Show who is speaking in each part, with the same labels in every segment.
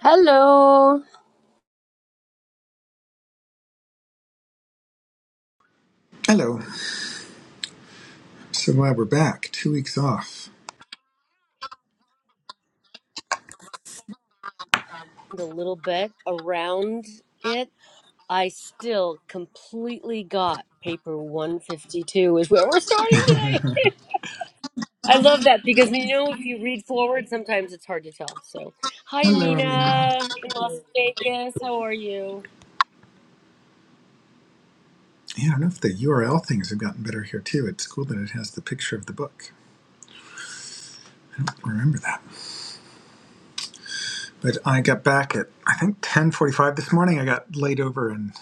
Speaker 1: Hello.
Speaker 2: Hello. So glad we're back. Two weeks off.
Speaker 1: A little bit around it. I still completely got paper 152 is where we're starting today. I love that because you know if you read forward sometimes it's hard to tell. So, hi
Speaker 2: Hello, Armenia.
Speaker 1: Amina in Las Vegas. How are you?
Speaker 2: Yeah, I don't know if the URL things have gotten better here too. It's cool that it has the picture of the book. I don't remember that. But I got back at I think ten forty five this morning. I got laid over in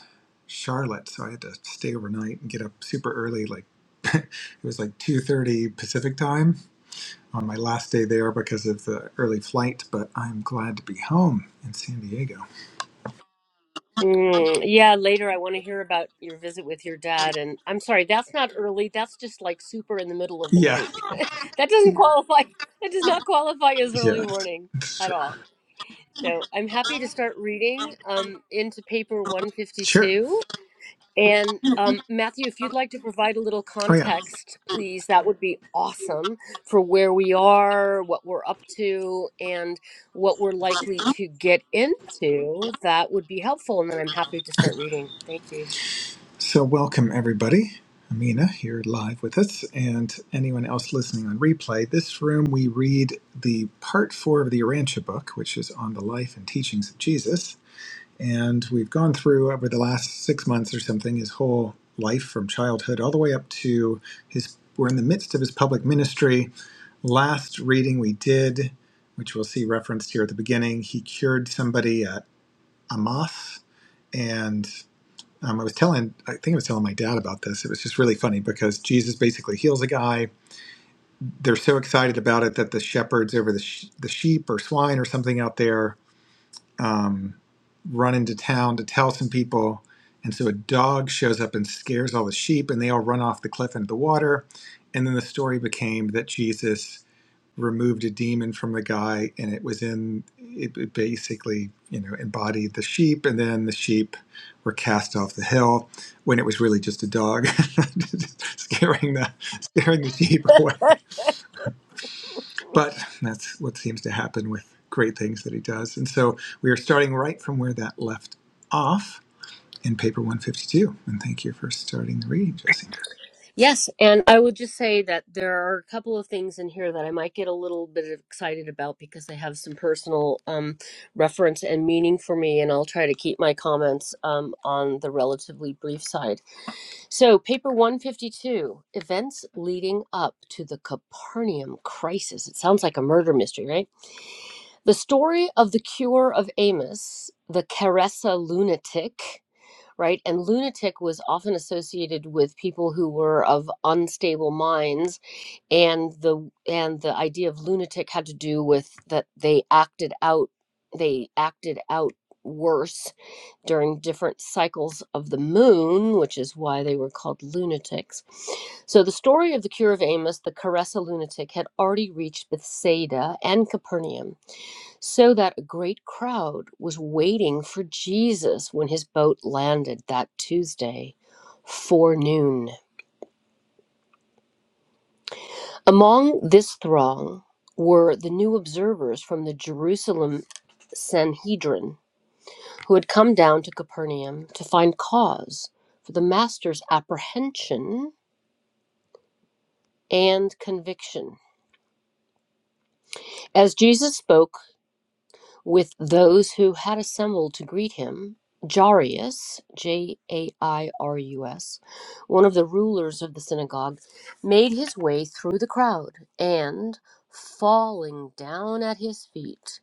Speaker 2: Charlotte, so I had to stay overnight and get up super early, like it was like two thirty Pacific time on my last day there because of the early flight, but I'm glad to be home in San Diego.
Speaker 1: Mm, yeah, later I want to hear about your visit with your dad and I'm sorry, that's not early. That's just like super in the middle of the
Speaker 2: Yeah.
Speaker 1: night. that doesn't qualify. That does not qualify as early
Speaker 2: Yeah.
Speaker 1: morning
Speaker 2: That's
Speaker 1: at
Speaker 2: true.
Speaker 1: all. So I'm happy to start reading um, into paper
Speaker 2: Sure.
Speaker 1: 152. And um, Matthew, if you'd like to provide a little
Speaker 2: Oh yeah.
Speaker 1: context, please, that would be awesome for where we are, what we're up to, and what we're likely to get into. That would be helpful. And then I'm happy to start reading. Thank you.
Speaker 2: So, welcome everybody. Amina here live with us, and anyone else listening on replay. This room, we read the part four of the Arantia book, which is on the life and teachings of Jesus. And we've gone through over the last six months or something his whole life from childhood all the way up to his, we're in the midst of his public ministry. Last reading we did, which we'll see referenced here at the beginning, he cured somebody at Amath, and um, I was telling, I think I was telling my dad about this. It was just really funny because Jesus basically heals a guy. They're so excited about it that the shepherds over the, sh- the sheep or swine or something out there um, run into town to tell some people. And so a dog shows up and scares all the sheep, and they all run off the cliff into the water. And then the story became that Jesus removed a demon from the guy, and it was in it, basically you know embodied the sheep, and then the sheep were cast off the hill when it was really just a dog just scaring the scaring the sheep away. But that's what seems to happen with great things that he does, and so we are starting right from where that left off in paper 152. And thank you for starting the reading, Jesse.
Speaker 1: Yes, and I would just say that there are a couple of things in here that I might get a little bit excited about because they have some personal um, reference and meaning for me, and I'll try to keep my comments um, on the relatively brief side. So, paper 152 events leading up to the Capernaum crisis. It sounds like a murder mystery, right? The story of the cure of Amos, the Caressa lunatic right? And lunatic was often associated with people who were of unstable minds, and the and the idea of lunatic had to do with that they acted out they acted out worse during different cycles of the moon, which is why they were called lunatics. So the story of the cure of Amos, the Caressa lunatic, had already reached Bethsaida and Capernaum so that a great crowd was waiting for Jesus when his boat landed that Tuesday forenoon. Among this throng were the new observers from the Jerusalem Sanhedrin who had come down to Capernaum to find cause for the Master's apprehension and conviction. As Jesus spoke, with those who had assembled to greet him. Jairus, J A I R U S, one of the rulers of the synagogue, made his way through the crowd and, falling down at his feet,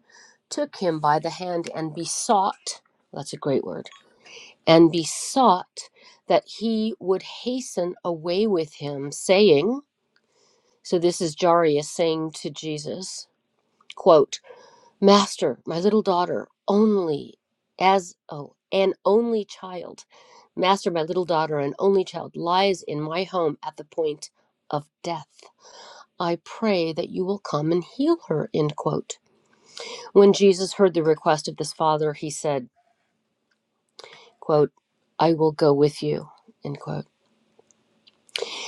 Speaker 1: took him by the hand and besought that's a great word and besought that he would hasten away with him, saying, So this is Jairus saying to Jesus, quote, Master, my little daughter, only as oh, an only child, Master, my little daughter, an only child, lies in my home at the point of death. I pray that you will come and heal her. End quote. When Jesus heard the request of this father, he said, quote, I will go with you. End quote.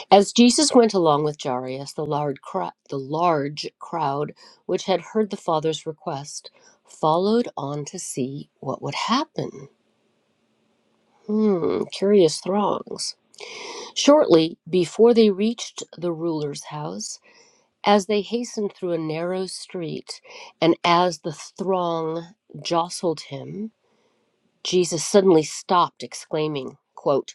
Speaker 1: As Jesus went along with Jairus, the large, cro- the large crowd, which had heard the father's request, followed on to see what would happen. Hmm, curious throngs. Shortly before they reached the ruler's house, as they hastened through a narrow street, and as the throng jostled him, Jesus suddenly stopped, exclaiming, quote,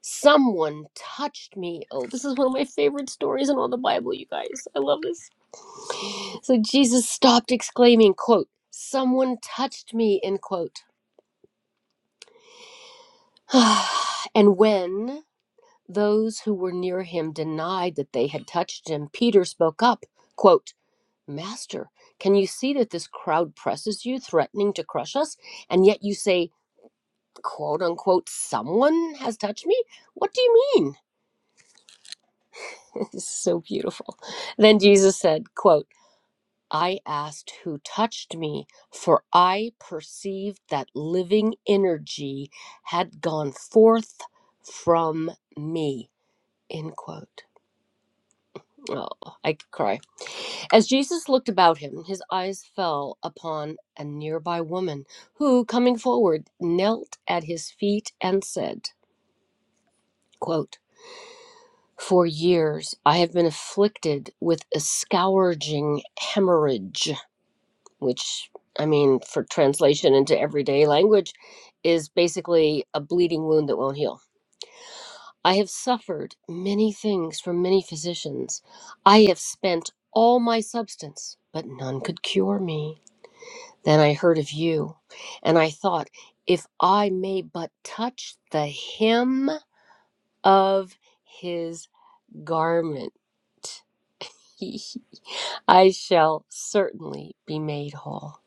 Speaker 1: Someone touched me. Oh, this is one of my favorite stories in all the Bible, you guys. I love this. So Jesus stopped, exclaiming, quote, Someone touched me, end quote. and when Those who were near him denied that they had touched him. Peter spoke up, quote, Master, can you see that this crowd presses you, threatening to crush us? And yet you say, quote unquote, someone has touched me? What do you mean? This is so beautiful. Then Jesus said, quote, I asked who touched me, for I perceived that living energy had gone forth from me, end quote Oh, I could cry. As Jesus looked about him, his eyes fell upon a nearby woman who, coming forward, knelt at his feet and said, quote, For years I have been afflicted with a scourging hemorrhage, which, I mean, for translation into everyday language, is basically a bleeding wound that won't heal. I have suffered many things from many physicians. I have spent all my substance, but none could cure me. Then I heard of you, and I thought, if I may but touch the hem of his garment, I shall certainly be made whole.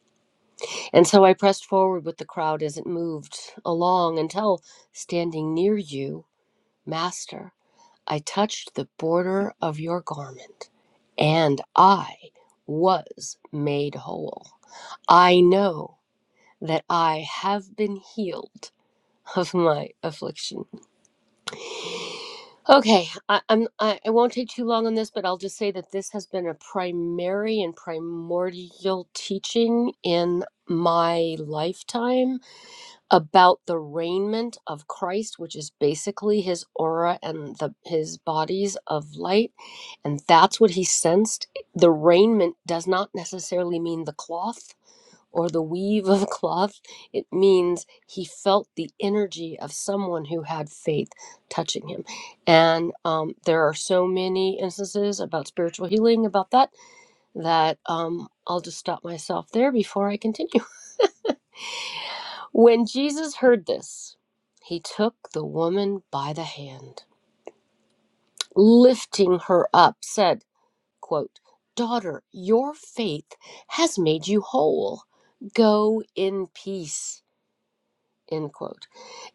Speaker 1: And so I pressed forward with the crowd as it moved along until standing near you, Master. I touched the border of your garment, and I was made whole. I know that I have been healed of my affliction. Okay, I, I'm I, I won't take too long on this, but I'll just say that this has been a primary and primordial teaching in my lifetime about the raiment of Christ, which is basically his aura and the his bodies of light, and that's what he sensed. The raiment does not necessarily mean the cloth or the weave of cloth. It means he felt the energy of someone who had faith touching him. And um, there are so many instances about spiritual healing about that that um, I'll just stop myself there before I continue. When Jesus heard this, he took the woman by the hand, lifting her up, said, quote, Daughter, your faith has made you whole. Go in peace. End quote.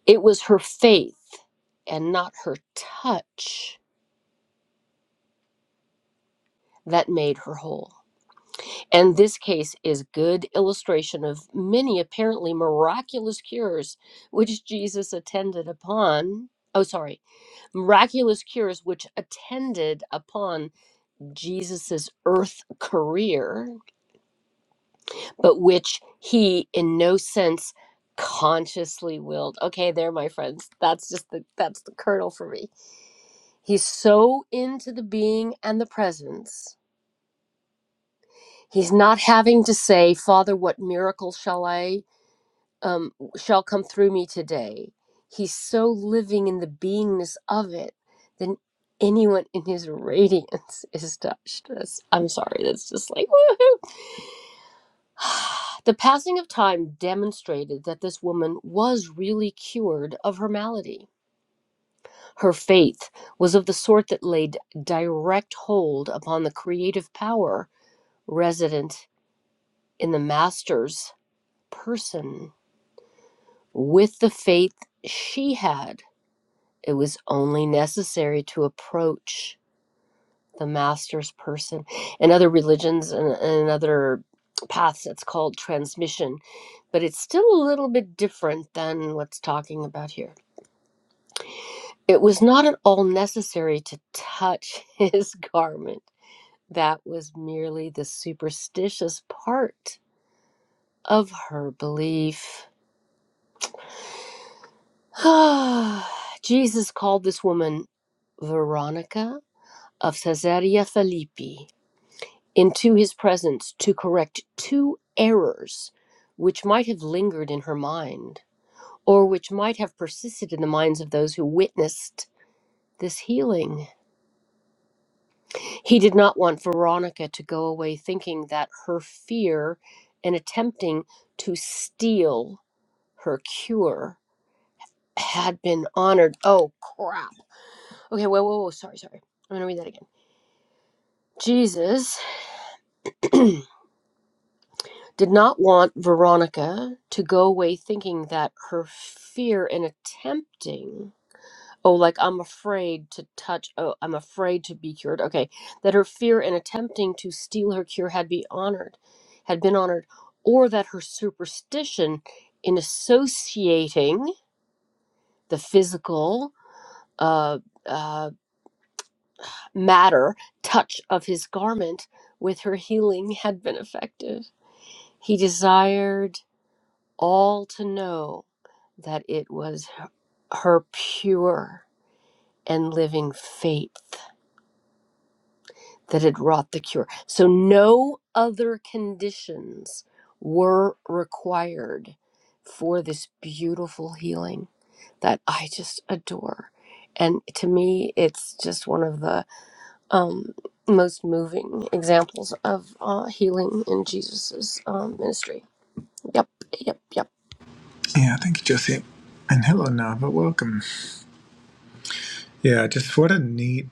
Speaker 1: It was her faith and not her touch that made her whole. And this case is good illustration of many apparently miraculous cures which Jesus attended upon. Oh, sorry miraculous cures which attended upon Jesus's earth career, but which he in no sense consciously willed. Okay, there, my friends. That's just the that's the kernel for me. He's so into the being and the presence. He's not having to say, Father, what miracle shall I? um, shall come through me today. He's so living in the beingness of it that anyone in his radiance is touched. That's, I'm sorry, that's just like woohoo. The passing of time demonstrated that this woman was really cured of her malady. Her faith was of the sort that laid direct hold upon the creative power resident in the master's person. With the faith she had, It was only necessary to approach the master's person. In other religions and, and other paths, it's called transmission, but it's still a little bit different than what's talking about here. It was not at all necessary to touch his garment. That was merely the superstitious part of her belief. Jesus called this woman Veronica of Caesarea Philippi into his presence to correct two errors which might have lingered in her mind or which might have persisted in the minds of those who witnessed this healing. He did not want Veronica to go away thinking that her fear and attempting to steal her cure had been honored. Oh, crap. Okay, whoa, whoa, whoa. Sorry, sorry. I'm going to read that again. Jesus. did not want Veronica to go away thinking that her fear in attempting, oh, like I'm afraid to touch, oh, I'm afraid to be cured. Okay, that her fear in attempting to steal her cure had be honored, had been honored, or that her superstition in associating the physical uh, uh, matter, touch of his garment with her healing had been effective. He desired all to know that it was her pure and living faith that had wrought the cure. So no other conditions were required for this beautiful healing that I just adore. And to me, it's just one of the um, most moving examples of uh, healing in Jesus's um, ministry. Yep, yep, yep.
Speaker 2: Yeah, thank you, Jesse. And hello, Nava. Welcome. Yeah, just what a neat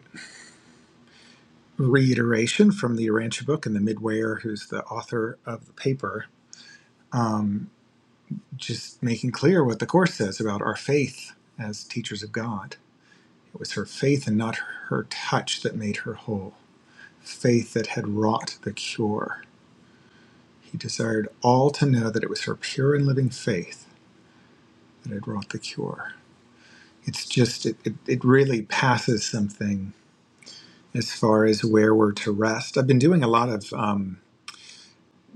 Speaker 2: reiteration from the Urantia book and the Midwayer, who's the author of the paper, just making clear what the Course says about our faith as teachers of God. It was her faith and not her touch that made her whole, faith that had wrought the cure. He desired all to know that it was her pure and living faith that had wrought the cure. It's just, it, it, it really passes something as far as where we're to rest. I've been doing a lot of. Um,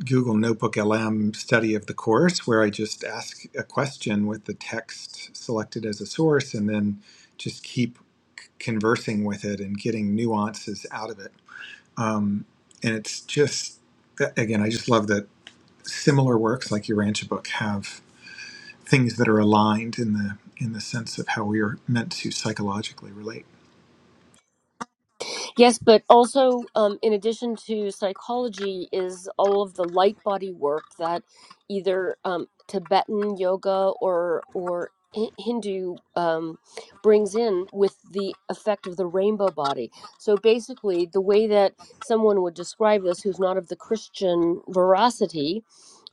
Speaker 2: Google Notebook LM study of the course where I just ask a question with the text selected as a source and then just keep conversing with it and getting nuances out of it. Um, and it's just, again, I just love that similar works like your Rancha book have things that are aligned in the in the sense of how we are meant to psychologically relate.
Speaker 1: Yes, but also, um, in addition to psychology, is all of the light body work that either um, Tibetan yoga or or Hi- Hindu um, brings in with the effect of the rainbow body. So basically, the way that someone would describe this, who's not of the Christian veracity,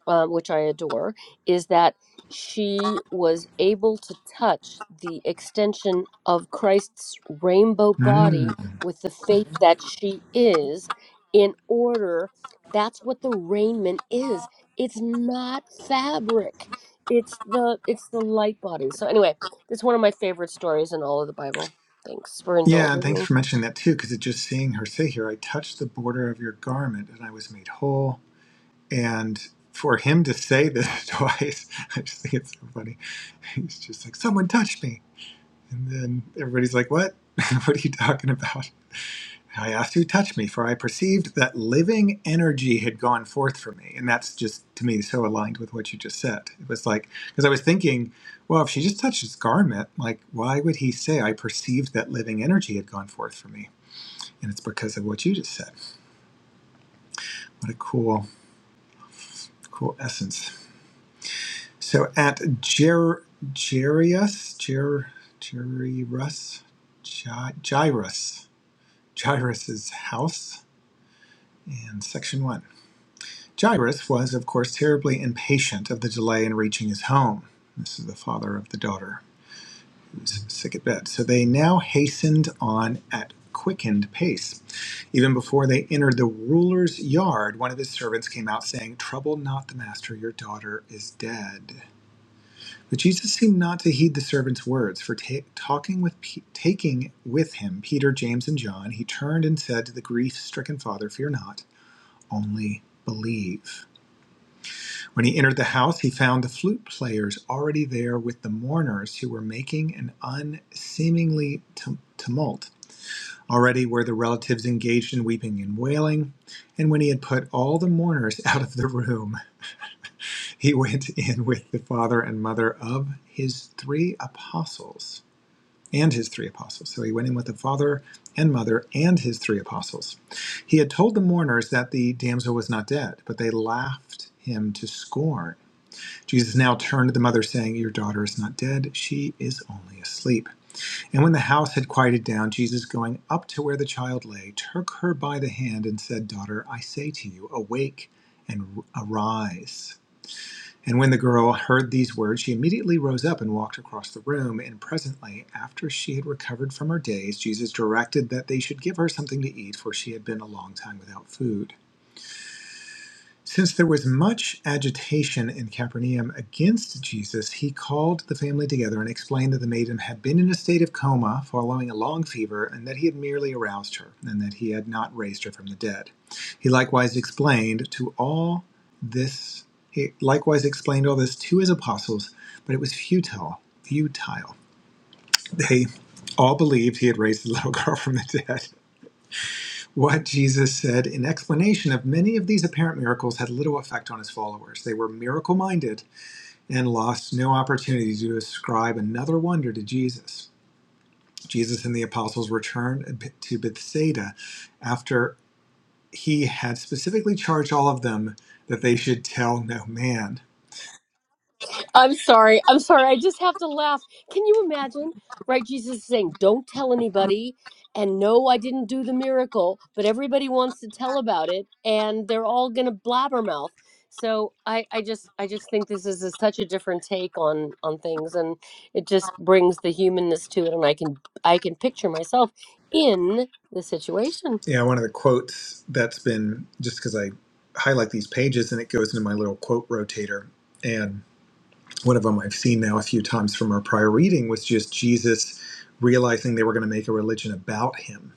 Speaker 1: um, which I adore, is that she was able to touch the extension of Christ's rainbow body
Speaker 2: Mm.
Speaker 1: with the faith Mhm. that she is, in order. That's what the raiment is. It's not fabric. It's the it's the light body. So anyway, it's one of my favorite stories in all of the Bible. Thanks for
Speaker 2: Yeah, and
Speaker 1: indulging me.
Speaker 2: thanks for mentioning that too, because it just seeing her say here, I touched the border of your garment and I was made whole. And for him to say this twice, I just think it's so funny. He's just like, someone touched me. And then everybody's like, what? what are you talking about? I asked who touched me, for I perceived that living energy had gone forth from me. And that's just, to me, so aligned with what you just said. It was like, because I was thinking, well, if she just touched his garment, like, why would he say, I perceived that living energy had gone forth from me? And it's because of what you just said. What a cool, cool essence. So at Jer Jarius, Jer Jairus, Jairus, Jairus's house, and section one. Jairus was, of course, terribly impatient of the delay in reaching his home. This is the father of the daughter who's sick at bed. So they now hastened on at quickened pace. Even before they entered the ruler's yard, one of his servants came out saying, "Trouble not the master; your daughter is dead." But Jesus seemed not to heed the servant's words, for ta- talking with Pe- taking with him Peter, James, and John, he turned and said to the grief-stricken father, "Fear not, only believe." When he entered the house, he found the flute players already there with the mourners who were making an unseemingly tumult. Already were the relatives engaged in weeping and wailing, and when he had put all the mourners out of the room, he went in with the father and mother of his three apostles and his three apostles. So he went in with the father and mother and his three apostles. He had told the mourners that the damsel was not dead, but they laughed him to scorn. Jesus now turned to the mother, saying, Your daughter is not dead, she is only asleep. And when the house had quieted down, Jesus, going up to where the child lay, took her by the hand and said, Daughter, I say to you, awake and arise. And when the girl heard these words, she immediately rose up and walked across the room. And presently, after she had recovered from her daze, Jesus directed that they should give her something to eat, for she had been a long time without food. Since there was much agitation in Capernaum against Jesus, he called the family together and explained that the maiden had been in a state of coma following a long fever and that he had merely aroused her and that he had not raised her from the dead. He likewise explained to all this he likewise explained all this to his apostles, but it was futile, futile. They all believed he had raised the little girl from the dead. What Jesus said in explanation of many of these apparent miracles had little effect on his followers. They were miracle minded and lost no opportunity to ascribe another wonder to Jesus. Jesus and the apostles returned to Bethsaida after he had specifically charged all of them that they should tell no man.
Speaker 1: I'm sorry. I'm sorry. I just have to laugh. Can you imagine? Right? Jesus is saying, don't tell anybody. And no, I didn't do the miracle, but everybody wants to tell about it and they're all going to blabbermouth. So I, I just I just think this is a, such a different take on on things and it just brings the humanness to it and I can I can picture myself in the situation.
Speaker 2: Yeah, one of the quotes that's been just because I highlight these pages and it goes into my little quote rotator. and. one of them I've seen now a few times from our prior reading was just Jesus realizing they were going to make a religion about him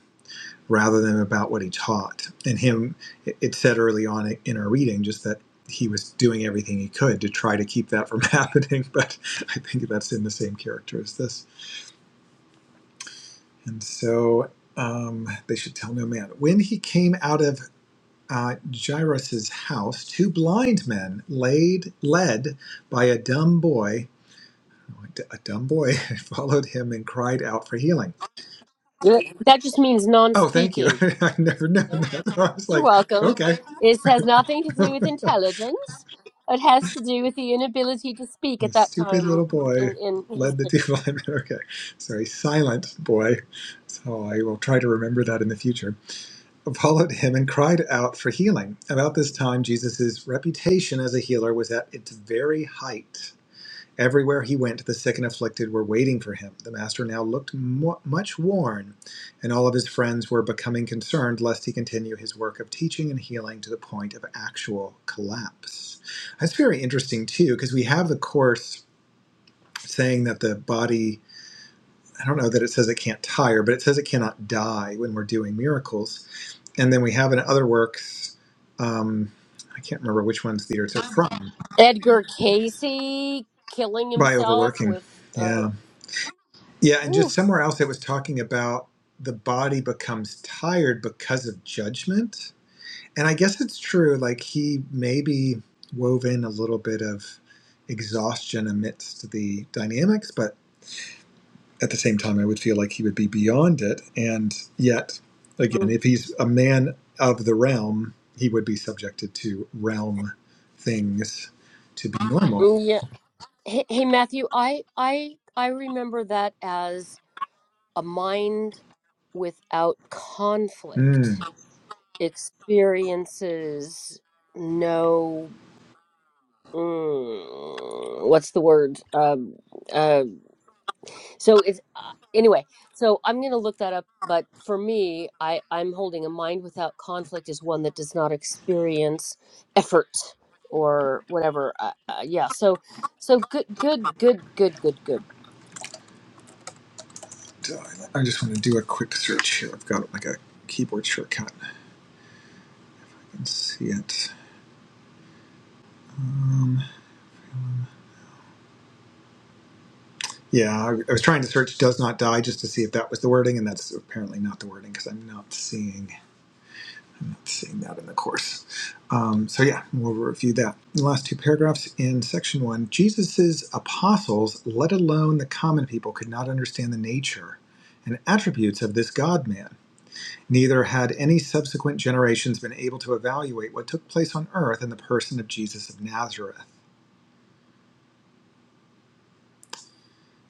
Speaker 2: rather than about what he taught. And him, it said early on in our reading just that he was doing everything he could to try to keep that from happening. But I think that's in the same character as this. And so um, they should tell no man. When he came out of uh, Jairus' house, two blind men laid, led by a dumb boy A dumb boy followed him and cried out for healing.
Speaker 1: Yeah. That just means
Speaker 2: Oh, thank you.
Speaker 1: non-speaking.
Speaker 2: I've never known that. I was
Speaker 1: You're
Speaker 2: like,
Speaker 1: welcome.
Speaker 2: okay.
Speaker 1: It has nothing to do with
Speaker 2: the
Speaker 1: intelligence. It has to do with the inability to speak at that
Speaker 2: stupid
Speaker 1: time
Speaker 2: little boy
Speaker 1: in in
Speaker 2: led the
Speaker 1: history.
Speaker 2: two blind men. Okay, sorry, silent boy. So I will try to remember that in the future. Followed him and cried out for healing. About this time, Jesus' reputation as a healer was at its very height. Everywhere he went, the sick and afflicted were waiting for him. The master now looked mo- much worn, and all of his friends were becoming concerned lest he continue his work of teaching and healing to the point of actual collapse. That's very interesting, too, because we have the Course saying that the body, I don't know that it says it can't tire, but it says it cannot die when we're doing miracles. And then we have in other works, um, I can't remember which one's the words are from,
Speaker 1: Edgar Casey killing
Speaker 2: by
Speaker 1: himself
Speaker 2: overworking.
Speaker 1: with
Speaker 2: Yeah
Speaker 1: uh
Speaker 2: Yeah, and just
Speaker 1: oof.
Speaker 2: somewhere else it was talking about the body becomes tired because of judgment. And I guess it's true, like he maybe wove in a little bit of exhaustion amidst the dynamics, but at the same time, I would feel like he would be beyond it. And yet, again,
Speaker 1: Mm,
Speaker 2: if he's a man of the realm, he would be subjected to realm things to be normal.
Speaker 1: Yeah. Hey, hey Matthew, I I I remember that as a mind without
Speaker 2: Hmm.
Speaker 1: conflict experiences no mm, what's the word um uh So it's uh, anyway. So I'm going to look that up. But for me, I I'm holding a mind without conflict is one that does not experience effort or whatever. Uh, uh, yeah. So so good good good good good good.
Speaker 2: I just want to do a quick search here. I've got like a keyboard shortcut. Let's see it. Um, yeah, I, was trying to search "does not die" just to see if that was the wording, and that's apparently not the wording because I'm not seeing I'm not seeing that in the course. Um, so yeah, we'll review that. The last two paragraphs in section one: Jesus's apostles, let alone the common people, could not understand the nature and attributes of this God-man. Neither had any subsequent generations been able to evaluate what took place on earth in the person of Jesus of Nazareth.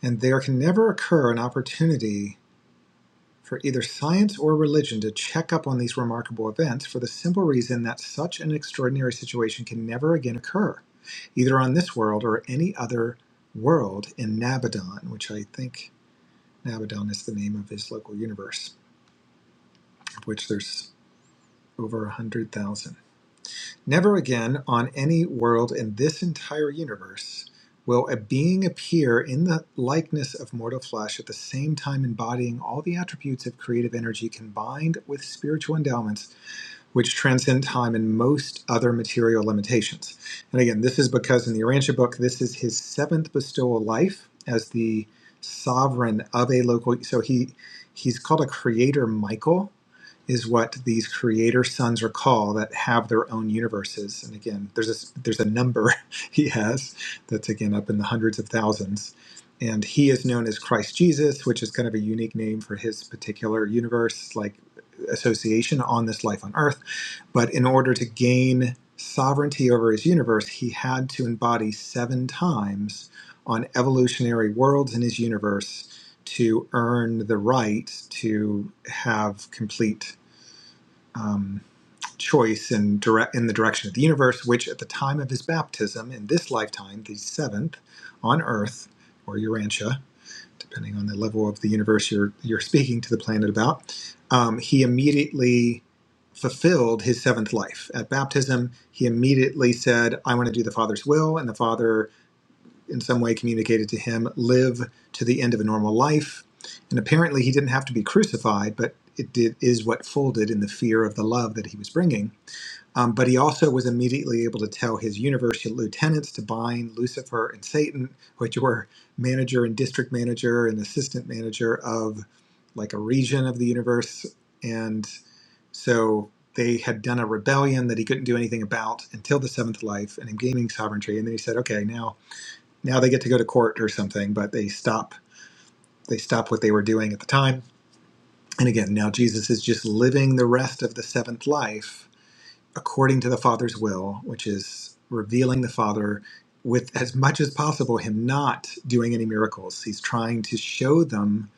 Speaker 2: And there can never occur an opportunity for either science or religion to check up on these remarkable events for the simple reason that such an extraordinary situation can never again occur, either on this world or any other world in Nabadon, which I think Nabadon is the name of his local universe, of which there's over 100,000. Never again on any world in this entire universe will a being appear in the likeness of mortal flesh at the same time embodying all the attributes of creative energy combined with spiritual endowments which transcend time and most other material limitations. And again, this is because in the Arantia book, this is his seventh bestowal life as the sovereign of a local. So he he's called a creator Michael is what these creator sons are called that have their own universes. And again, there's a there's a number he has that's again up in the hundreds of thousands. And he is known as Christ Jesus, which is kind of a unique name for his particular universe, like association on this life on earth. But in order to gain sovereignty over his universe, he had to embody seven times on evolutionary worlds in his universe to earn the right to have complete um, choice in direct in the direction of the universe, which at the time of his baptism in this lifetime, the seventh on Earth or Urantia, depending on the level of the universe you're you're speaking to the planet about, um, he immediately fulfilled his seventh life at baptism. He immediately said, "I want to do the Father's will," and the Father in some way communicated to him, live to the end of a normal life. And apparently, he didn't have to be crucified, but it did, is what folded in the fear of the love that he was bringing. Um, but he also was immediately able to tell his university lieutenants to bind Lucifer and Satan, which were manager and district manager and assistant manager of like a region of the universe. And so they had done a rebellion that he couldn't do anything about until the seventh life and him gaining sovereignty. And then he said, okay, now now they get to go to court or something but they stop they stop what they were doing at the time and again now jesus is just living the rest of the seventh life according to the father's will which is revealing the father with as much as possible him not doing any miracles he's trying to show them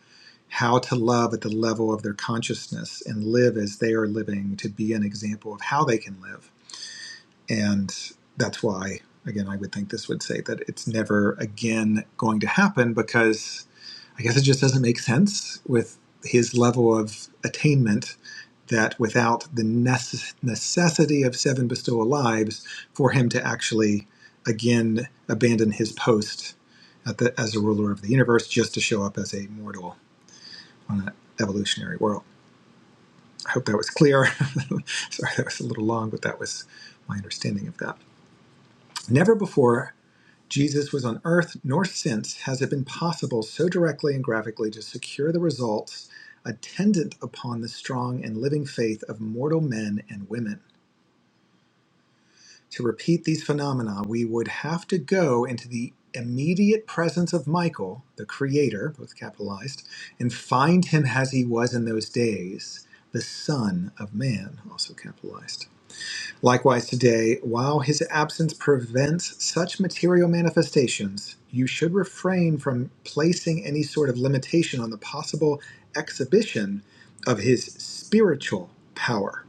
Speaker 2: how to love at the level of their consciousness and live as they are living to be an example of how they can live and that's why, again, I would think this would say that it's never again going to happen because I guess it just doesn't make sense with his level of attainment that without the necess- necessity of seven bestowal lives for him to actually again abandon his post at the, as a ruler of the universe just to show up as a mortal on an evolutionary world. I hope that was clear. Sorry, that was a little long, but that was my understanding of that. Never before Jesus was on earth nor since has it been possible so directly and graphically to secure the results attendant upon the strong and living faith of mortal men and women. To repeat these phenomena, we would have to go into the immediate presence of Michael, the Creator, both capitalized, and find him as he was in those days, the Son of Man, also capitalized. Likewise, today, while his absence prevents such material manifestations, you should refrain from placing any sort of limitation on the possible exhibition of his spiritual power.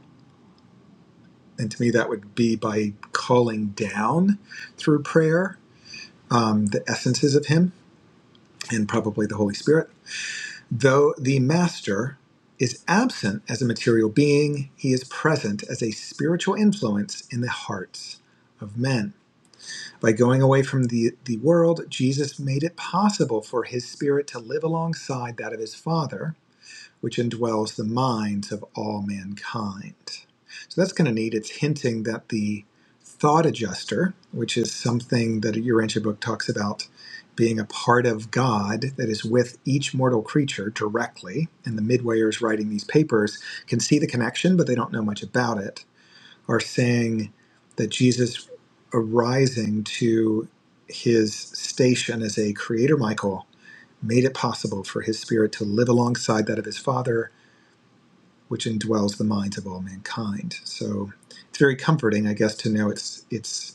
Speaker 2: And to me, that would be by calling down through prayer um, the essences of him and probably the Holy Spirit. Though the Master is absent as a material being, he is present as a spiritual influence in the hearts of men. By going away from the, the world, Jesus made it possible for his spirit to live alongside that of his Father, which indwells the minds of all mankind. So that's kind of neat. It's hinting that the thought adjuster, which is something that your ancient book talks about being a part of God that is with each mortal creature directly, and the midwayers writing these papers can see the connection, but they don't know much about it are saying that Jesus arising to his station as a creator Michael made it possible for his spirit to live alongside that of his father, which indwells the minds of all mankind. So it's very comforting, I guess, to know it's it's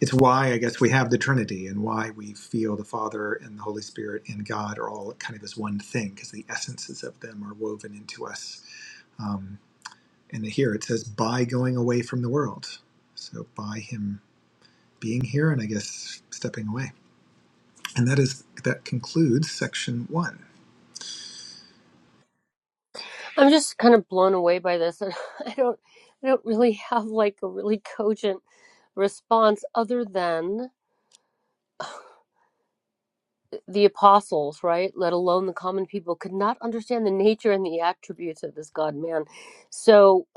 Speaker 2: it's why I guess we have the Trinity and why we feel the Father and the Holy Spirit and God are all kind of as one thing because the essences of them are woven into us. Um, and here it says, by going away from the world. So by him being here and I guess stepping away. And that is that concludes section one.
Speaker 1: I'm just kind of blown away by this. and I don't I don't really have like a really cogent response other than. the apostles, right, let alone the common people, could not understand the nature and the attributes of this God man. So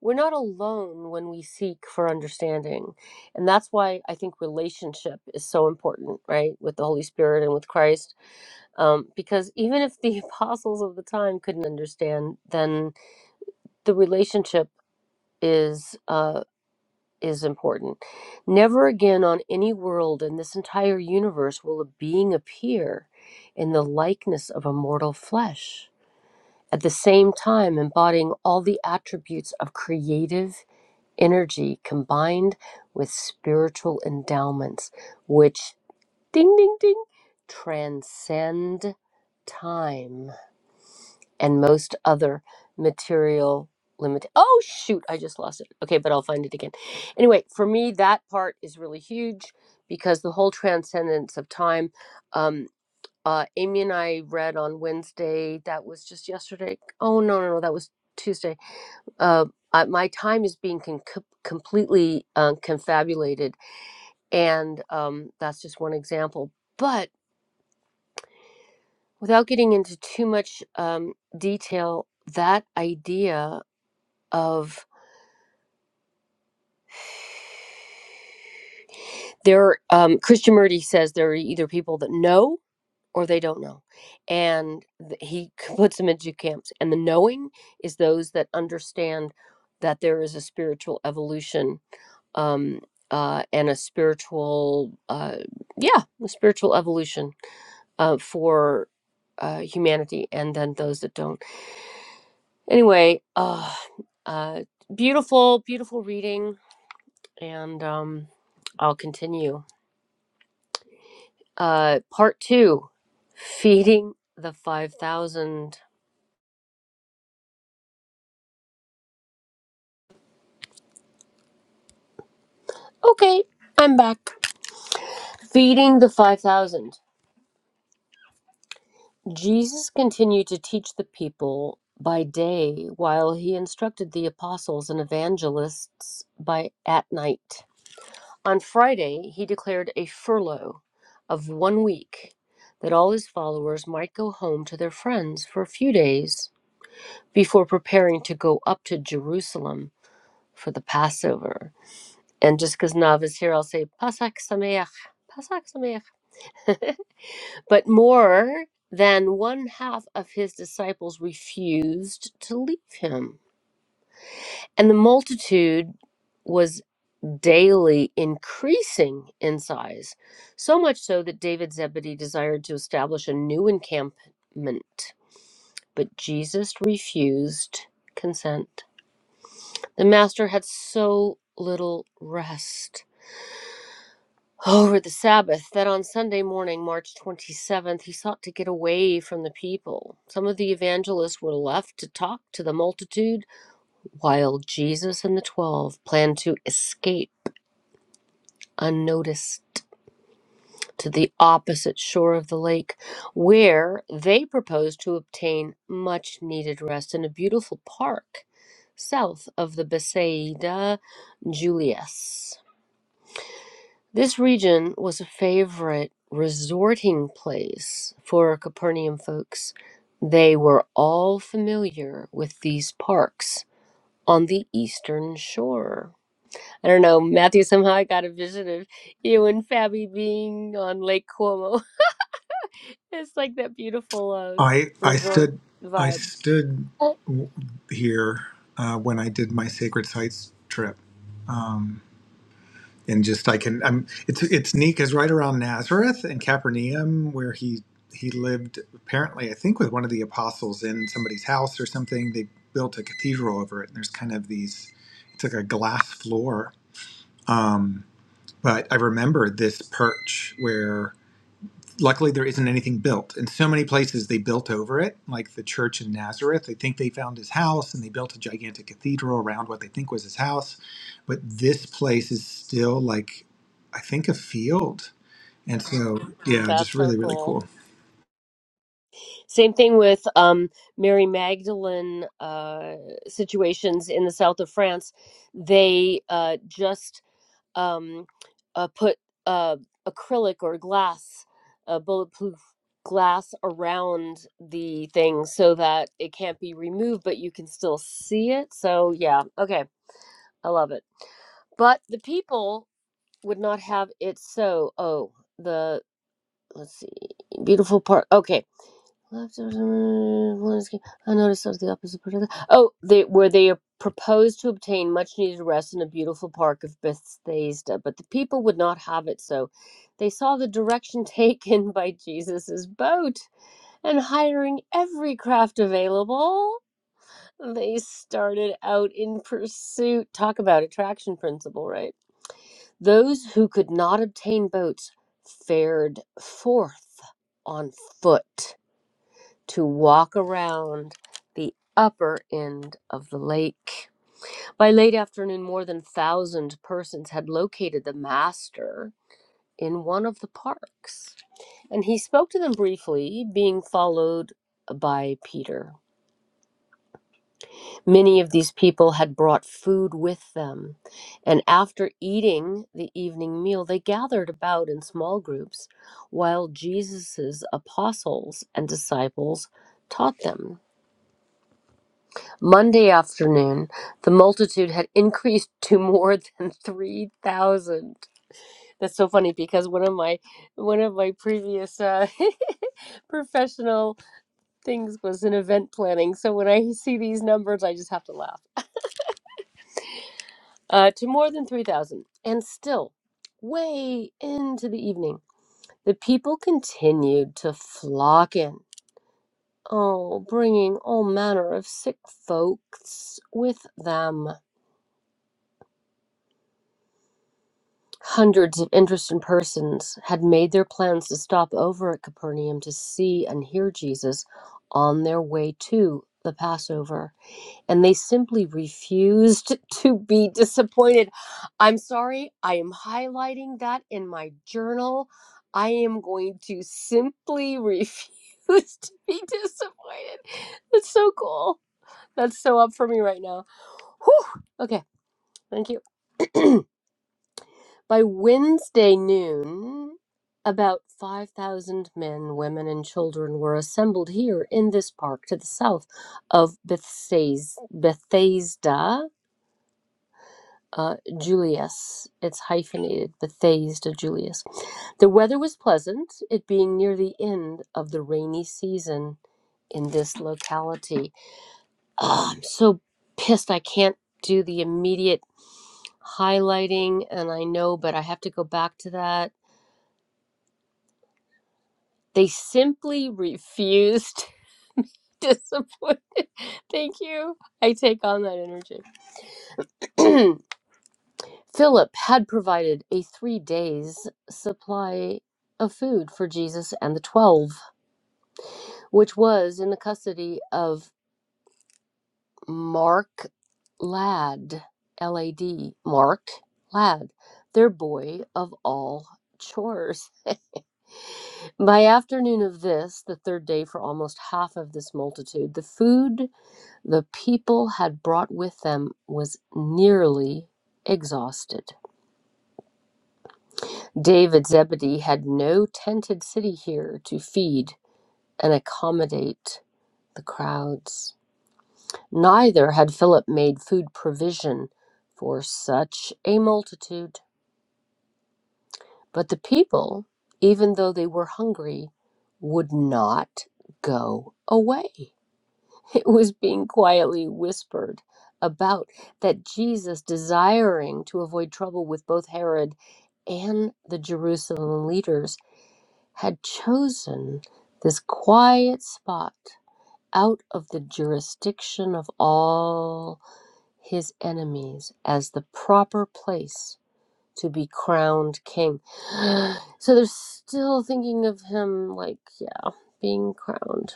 Speaker 1: we're not alone when we seek for understanding. And that's why I think relationship is so important, right, with the Holy Spirit and with Christ. Um, because even if the apostles of the time couldn't understand, then the relationship is. Uh, is important. Never again on any world in this entire universe will a being appear in the likeness of a mortal flesh, at the same time embodying all the attributes of creative energy combined with spiritual endowments, which ding ding ding transcend time and most other material limit oh shoot i just lost it okay but i'll find it again anyway for me that part is really huge because the whole transcendence of time um uh amy and i read on wednesday that was just yesterday oh no no no that was tuesday uh I, my time is being con- co- completely uh, confabulated and um that's just one example but without getting into too much um detail that idea of there are, um Krishnamurti says there are either people that know or they don't know and th- he puts them into camps and the knowing is those that understand that there is a spiritual evolution um uh and a spiritual uh yeah a spiritual evolution uh for uh humanity and then those that don't anyway uh uh beautiful beautiful reading and um, I'll continue. Uh, part two Feeding the 5,000. Okay, I'm back. Feeding the 5,000. Jesus continued to teach the people by day while he instructed the apostles and evangelists by at night. On Friday, he declared a furlough of one week that all his followers might go home to their friends for a few days before preparing to go up to Jerusalem for the Passover. And just because Nav is here, I'll say Pasach Sameach, Pasach Sameach. but more than one half of his disciples refused to leave him. And the multitude was daily increasing in size, so much so that David Zebedee desired to establish a new encampment. But Jesus refused consent. The master had so little rest over the Sabbath that on Sunday morning, March 27th, he sought to get away from the people. Some of the evangelists were left to talk to the multitude, while Jesus and the twelve planned to escape unnoticed to the opposite shore of the lake, where they proposed to obtain much needed rest in a beautiful park south of the Besaida Julius. This region was a favorite resorting place for Capernaum folks. They were all familiar with these parks on the eastern shore. I don't know, Matthew, somehow I got a vision of you and Fabi being on Lake Como. It's like that beautiful uh,
Speaker 2: I I
Speaker 1: resort
Speaker 2: stood I
Speaker 1: vibe.
Speaker 2: stood
Speaker 1: Oh.
Speaker 2: w- here uh, when I did my sacred sites trip, and just I can I'm it's it's neat because right around Nazareth and Capernaum where he he lived apparently I think with one of the apostles in somebody's house or something they built a cathedral over it and there's kind of these it's like a glass floor um, but I remember this perch where luckily there isn't anything built in so many places they built over it like the church in nazareth they think they found his house and they built a gigantic cathedral around what they think was his house but this place is still like i think a field and so yeah just
Speaker 1: That's so
Speaker 2: really really
Speaker 1: cool.
Speaker 2: cool
Speaker 1: Same thing with um, Mary Magdalene uh, situations in the south of France. They uh, just um, uh, put uh, acrylic or glass, uh, bulletproof glass around the thing so that it can't be removed, but you can still see it. So, yeah, okay, I love it. But the people would not have it so. Oh, the. Let's see. Beautiful park. Okay. Left of the- what is- I noticed of the opposite part of the. Oh, they, where they proposed to obtain much needed rest in a beautiful park of Bethsaida, but the people would not have it so. They saw the direction taken by Jesus' boat, and hiring every craft available, they started out in pursuit. Talk about attraction principle, right? Those who could not obtain boats fared forth on foot to walk around the upper end of the lake. By late afternoon, more than thousand persons had located the master in one of the parks, and he spoke to them briefly, being followed by Peter. Many of these people had brought food with them, and after eating the evening meal, they gathered about in small groups while Jesus' apostles and disciples taught them. Monday afternoon, the multitude had increased to more than 3,000. That's so funny because one of my one of my previous uh, professional things was in event planning. So when I see these numbers, I just have to laugh. uh, to more than 3,000. And still, way into the evening, the people continued to flock in, oh, bringing all manner of sick folks with them. Hundreds of interested persons had made their plans to stop over at Capernaum to see and hear Jesus on their way to the Passover. and they simply refused to be disappointed. I'm sorry, I am highlighting that in my journal. I am going to simply refuse to be disappointed. That's so cool. That's so up for me right now. Whew. Okay, thank you. By Wednesday noon, about 5,000 men, women, and children were assembled here in this park to the south of Bethsaida, uh, Julius. It's hyphenated, Bethesda Julius. The weather was pleasant, it being near the end of the rainy season in this locality. Ah, I'm so pissed I can't do the immediate highlighting, and I know, but I have to go back to that. They simply refused. Disappointed. Thank you. I take on that energy. Philip had provided a three days' supply of food for Jesus and the twelve, which was in the custody of Mark Ladd, L A D, Mark Ladd, their boy of all chores. By afternoon of this, the third day for almost half of this multitude, the food the people had brought with them was nearly exhausted. David Zebedee had no tented city here to feed and accommodate the crowds. Neither had Philip made food provision for such a multitude. But the people, even though they were hungry, would not go away. It was being quietly whispered about that Jesus, desiring to avoid trouble with both Herod and the Jerusalem leaders, had chosen this quiet spot out of the jurisdiction of all his enemies as the proper place to be crowned king. So they're still thinking of him like, yeah, being crowned.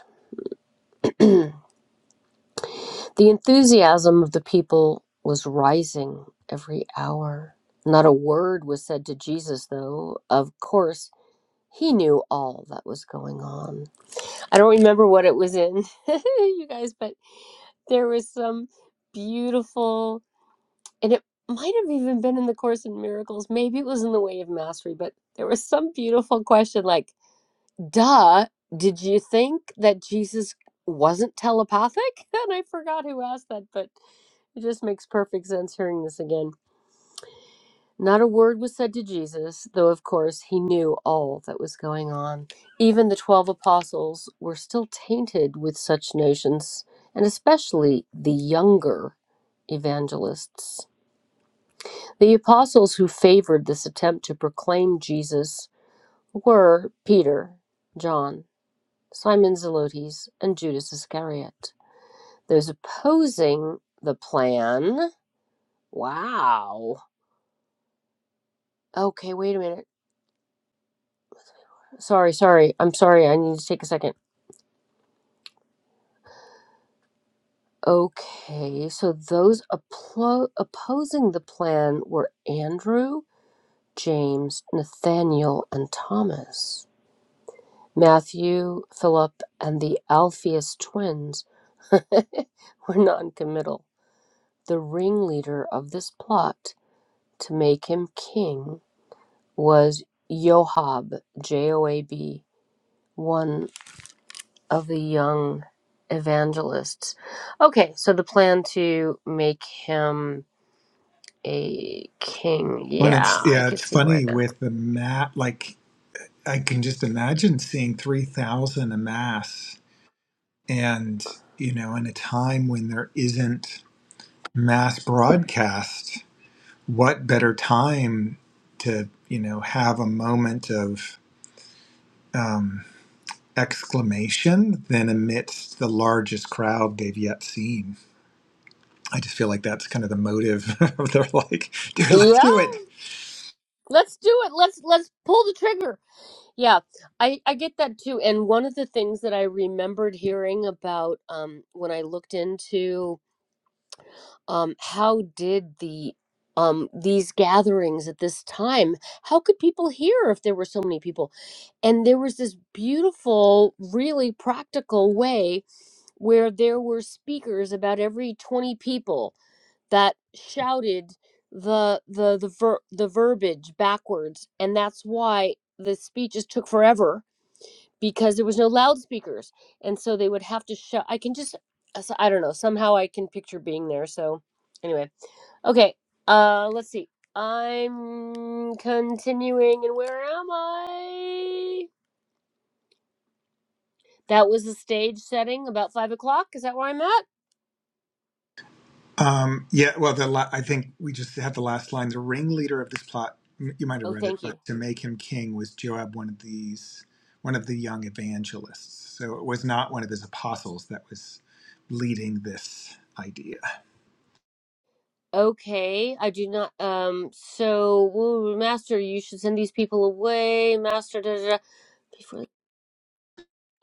Speaker 1: The enthusiasm of the people was rising every hour. Not a word was said to Jesus, though. Of course, he knew all that was going on. I don't remember what it was in, you guys, but there was some beautiful, and it might have even been in the Course in Miracles. Maybe it was in the Way of Mastery, but there was some beautiful question like, duh, did you think that Jesus wasn't telepathic? And I forgot who asked that, but it just makes perfect sense hearing this again. Not a word was said to Jesus, though of course he knew all that was going on. Even the 12 apostles were still tainted with such notions, and especially the younger evangelists. The apostles who favored this attempt to proclaim Jesus were Peter, John, Simon Zelotes, and Judas Iscariot. Those opposing the plan. Wow. Okay, wait a minute. Sorry, sorry. I'm sorry. I need to take a second. Okay, so those applo- opposing the plan were Andrew, James, Nathaniel, and Thomas. Matthew, Philip, and the Alphaeus twins were non-committal. The ringleader of this plot to make him king was Joab, J-O-A-B, one of the young evangelists. Okay, so the plan to make him a king.
Speaker 2: when
Speaker 1: Yeah,
Speaker 2: it's
Speaker 1: I
Speaker 2: yeah
Speaker 1: could
Speaker 2: it's
Speaker 1: see where
Speaker 2: funny
Speaker 1: that's.
Speaker 2: with the map like i can just imagine seeing 3000 a mass and you know in a time when there isn't mass broadcast what better time to you know have a moment of um, exclamation than amidst the largest crowd they've yet seen i just feel like that's kind of the motive of are like dude let's
Speaker 1: Yeah,
Speaker 2: do it
Speaker 1: let's do it. Let's let's pull the trigger. Yeah, I I get that too. And one of the things that I remembered hearing about um when I looked into um how did the um these gatherings at this time how could people hear if there were so many people and there was this beautiful really practical way where there were speakers about every 20 people that shouted the the the ver- the verbiage backwards and that's why the speeches took forever because there was no loudspeakers and so they would have to shout i can just as- i don't know somehow i can picture being there so anyway okay uh let's see i'm continuing and where am i that was the stage setting about five o'clock is that where i'm at
Speaker 2: um, yeah well the la- i think we just had the last line the ringleader of this plot m- you might have
Speaker 1: oh
Speaker 2: read it
Speaker 1: thank
Speaker 2: but
Speaker 1: you
Speaker 2: to make him king was joab one of these one of the young evangelists so it was not one of his apostles that was leading this idea
Speaker 1: Okay, I do not. Um, so, woo, Master, you should send these people away. Master, da, da, da, before.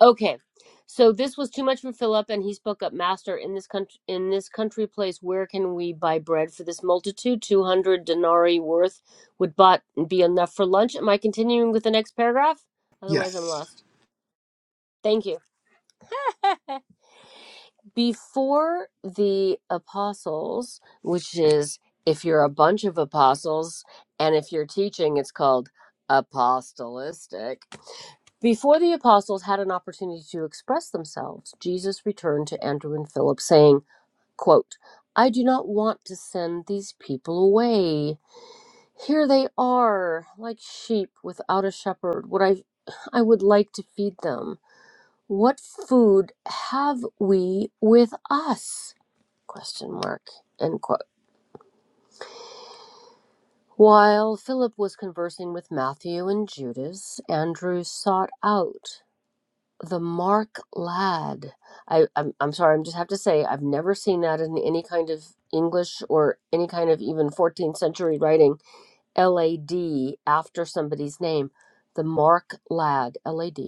Speaker 1: Okay, so this was too much for Philip, and he spoke up. Master, in this country, in this country place, where can we buy bread for this multitude? Two hundred denarii worth would bought be enough for lunch. Am I continuing with the next paragraph? Otherwise, I'm
Speaker 2: yes
Speaker 1: lost. Thank you. before the apostles, which is if you're a bunch of apostles and if you're teaching, it's called apostolistic. Before the apostles had an opportunity to express themselves, Jesus returned to Andrew and Philip, saying, quote, I do not want to send these people away. Here they are, like sheep without a shepherd. Would I I would like to feed them. What food have we with us? question mark end quote while philip was conversing with matthew and judas andrew sought out the mark lad I, I'm, I'm sorry i'm just have to say i've never seen that in any kind of english or any kind of even 14th century writing lad after somebody's name the mark lad lad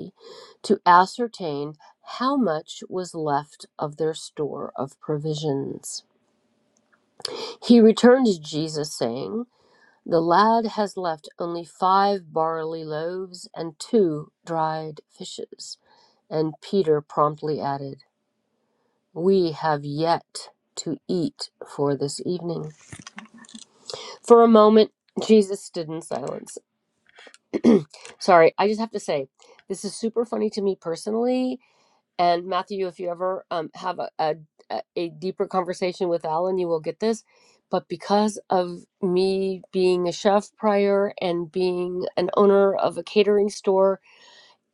Speaker 1: to ascertain how much was left of their store of provisions he returned to jesus saying The lad has left only five barley loaves and two dried fishes. And Peter promptly added, We have yet to eat for this evening. For a moment, Jesus stood in silence. Sorry, I just have to say, this is super funny to me personally And Matthew, if you ever um, have a, a a deeper conversation with Alan, you will get this. But because of me being a chef prior and being an owner of a catering store,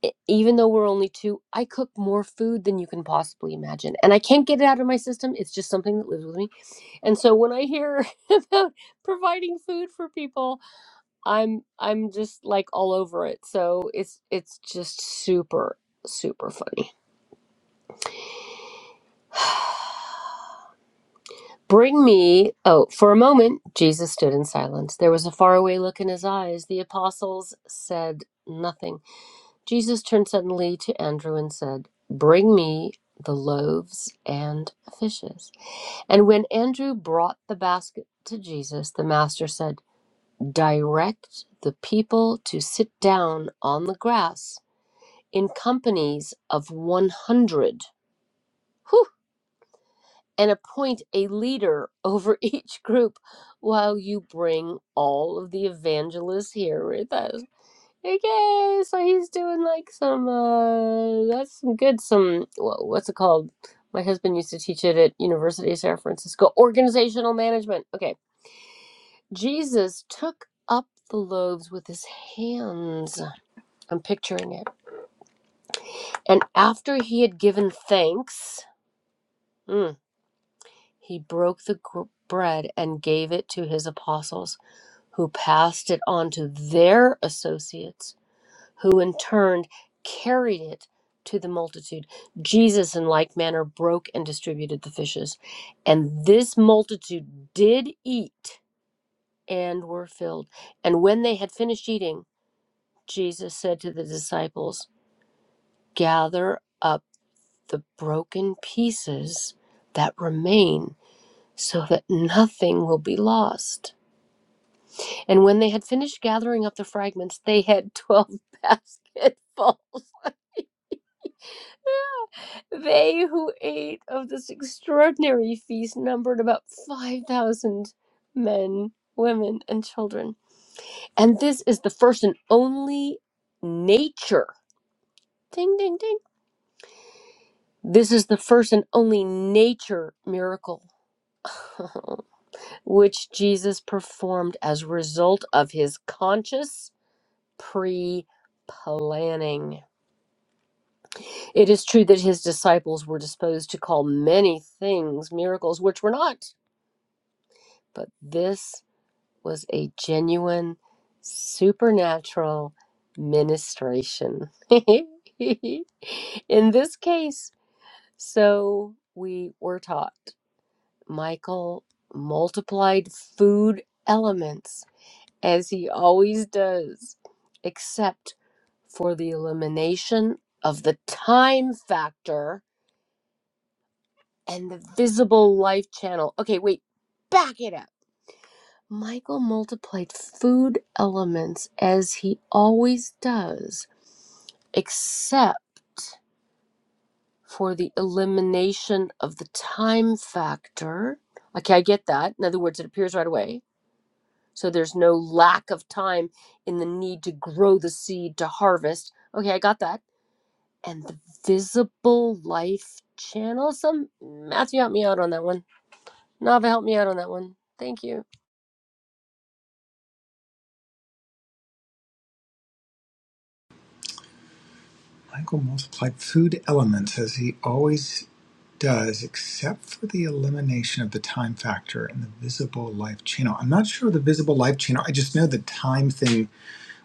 Speaker 1: e- even though we're only two, I cook more food than you can possibly imagine. And I can't get it out of my system. It's just something that lives with me. And so when I hear about providing food for people, I'm I'm just like all over it. So it's it's just super super funny. Bring me. Oh, for a moment, Jesus stood in silence. There was a faraway look in his eyes. The apostles said nothing. Jesus turned suddenly to Andrew and said, Bring me the loaves and fishes. And when Andrew brought the basket to Jesus, the master said, Direct the people to sit down on the grass in companies of 100. Whew! and appoint a leader over each group while you bring all of the evangelists here with us. Okay, so he's doing like some uh that's some good some wha- what's it called? My husband used to teach it at University of San Francisco. Organizational management. Okay. Jesus took up the loaves with his hands. I'm picturing it. And after he had given thanks, hmm, He broke the bread and gave it to his apostles, who passed it on to their associates, who in turn carried it to the multitude. Jesus, in like manner, broke and distributed the fishes. And this multitude did eat and were filled. And when they had finished eating, Jesus said to the disciples, Gather up the broken pieces that remain so that nothing will be lost. And when they had finished gathering up the fragments, they had twelve basketfuls. They who ate of this extraordinary feast numbered about 5,000 men, women, and children. And this is the first and only nature. Ding, ding, ding. This is the first and only nature miracle which Jesus performed as a result of his conscious pre planning. It is true that his disciples were disposed to call many things miracles, which were not, but this was a genuine supernatural ministration. In this case, so we were taught, Michael multiplied food elements as he always does, except for the elimination of the time factor and the visible life channel. Okay, wait, back it up. Michael multiplied food elements as he always does, except for the elimination of the time factor. Okay, I get that. In other words, it appears right away. So there's no lack of time in the need to grow the seed to harvest. Okay, I got that. And the visible life channel. Some Matthew help me out on that one. Nava help me out on that one. Thank you.
Speaker 2: Michael multiplied food elements as he always does except for the elimination of the time factor and the visible life channel. I'm not sure the visible life channel. I just know the time thing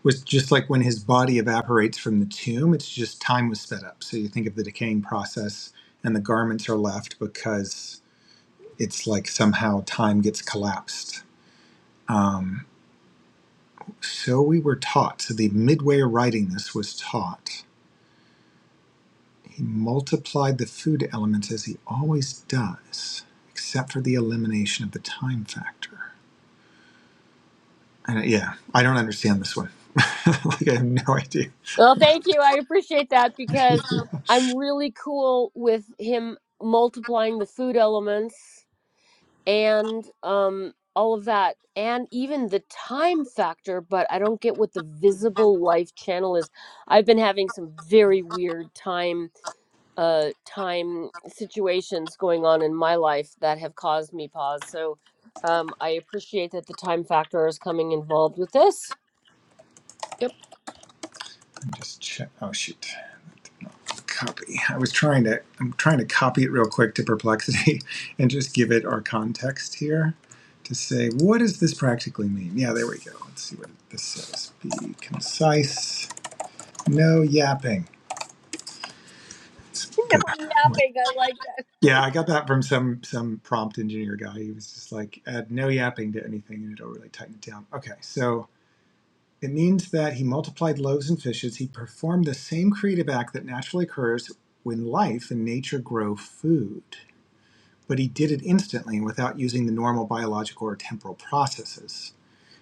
Speaker 2: was just like when his body evaporates from the tomb, it's just time was sped up. So you think of the decaying process and the garments are left because it's like somehow time gets collapsed. Um, so we were taught. So the midway writing this was taught He multiplied the food elements as he always does, except for the elimination of the time factor. And uh, yeah, I don't understand this one. like I have no idea.
Speaker 1: Well, thank you. I appreciate that because
Speaker 2: I'm
Speaker 1: I'm really cool with him multiplying the food elements and um all of that and even the time factor, but I don't get what the visible life channel is. I've been having some very weird time uh time situations going on in my life that have caused me pause. So um I appreciate that the time factor is coming involved with this. Yep.
Speaker 2: just check. Oh shoot, copy. I was trying to. I'm trying to copy it real quick to Perplexity and just give it our context here to say what does this practically mean. Yeah, there we go. Let's see what this says. Be concise. No yapping. It's
Speaker 1: No
Speaker 2: the-
Speaker 1: yapping. I like
Speaker 2: Yeah, I got that from some some prompt engineer guy. He was just like, add no yapping to anything and it'll really tighten it down. Okay, so it means that he multiplied loaves and fishes. He performed the same creative act that naturally occurs when life and nature grow food. But he did it instantly and without using the normal biological or temporal processes.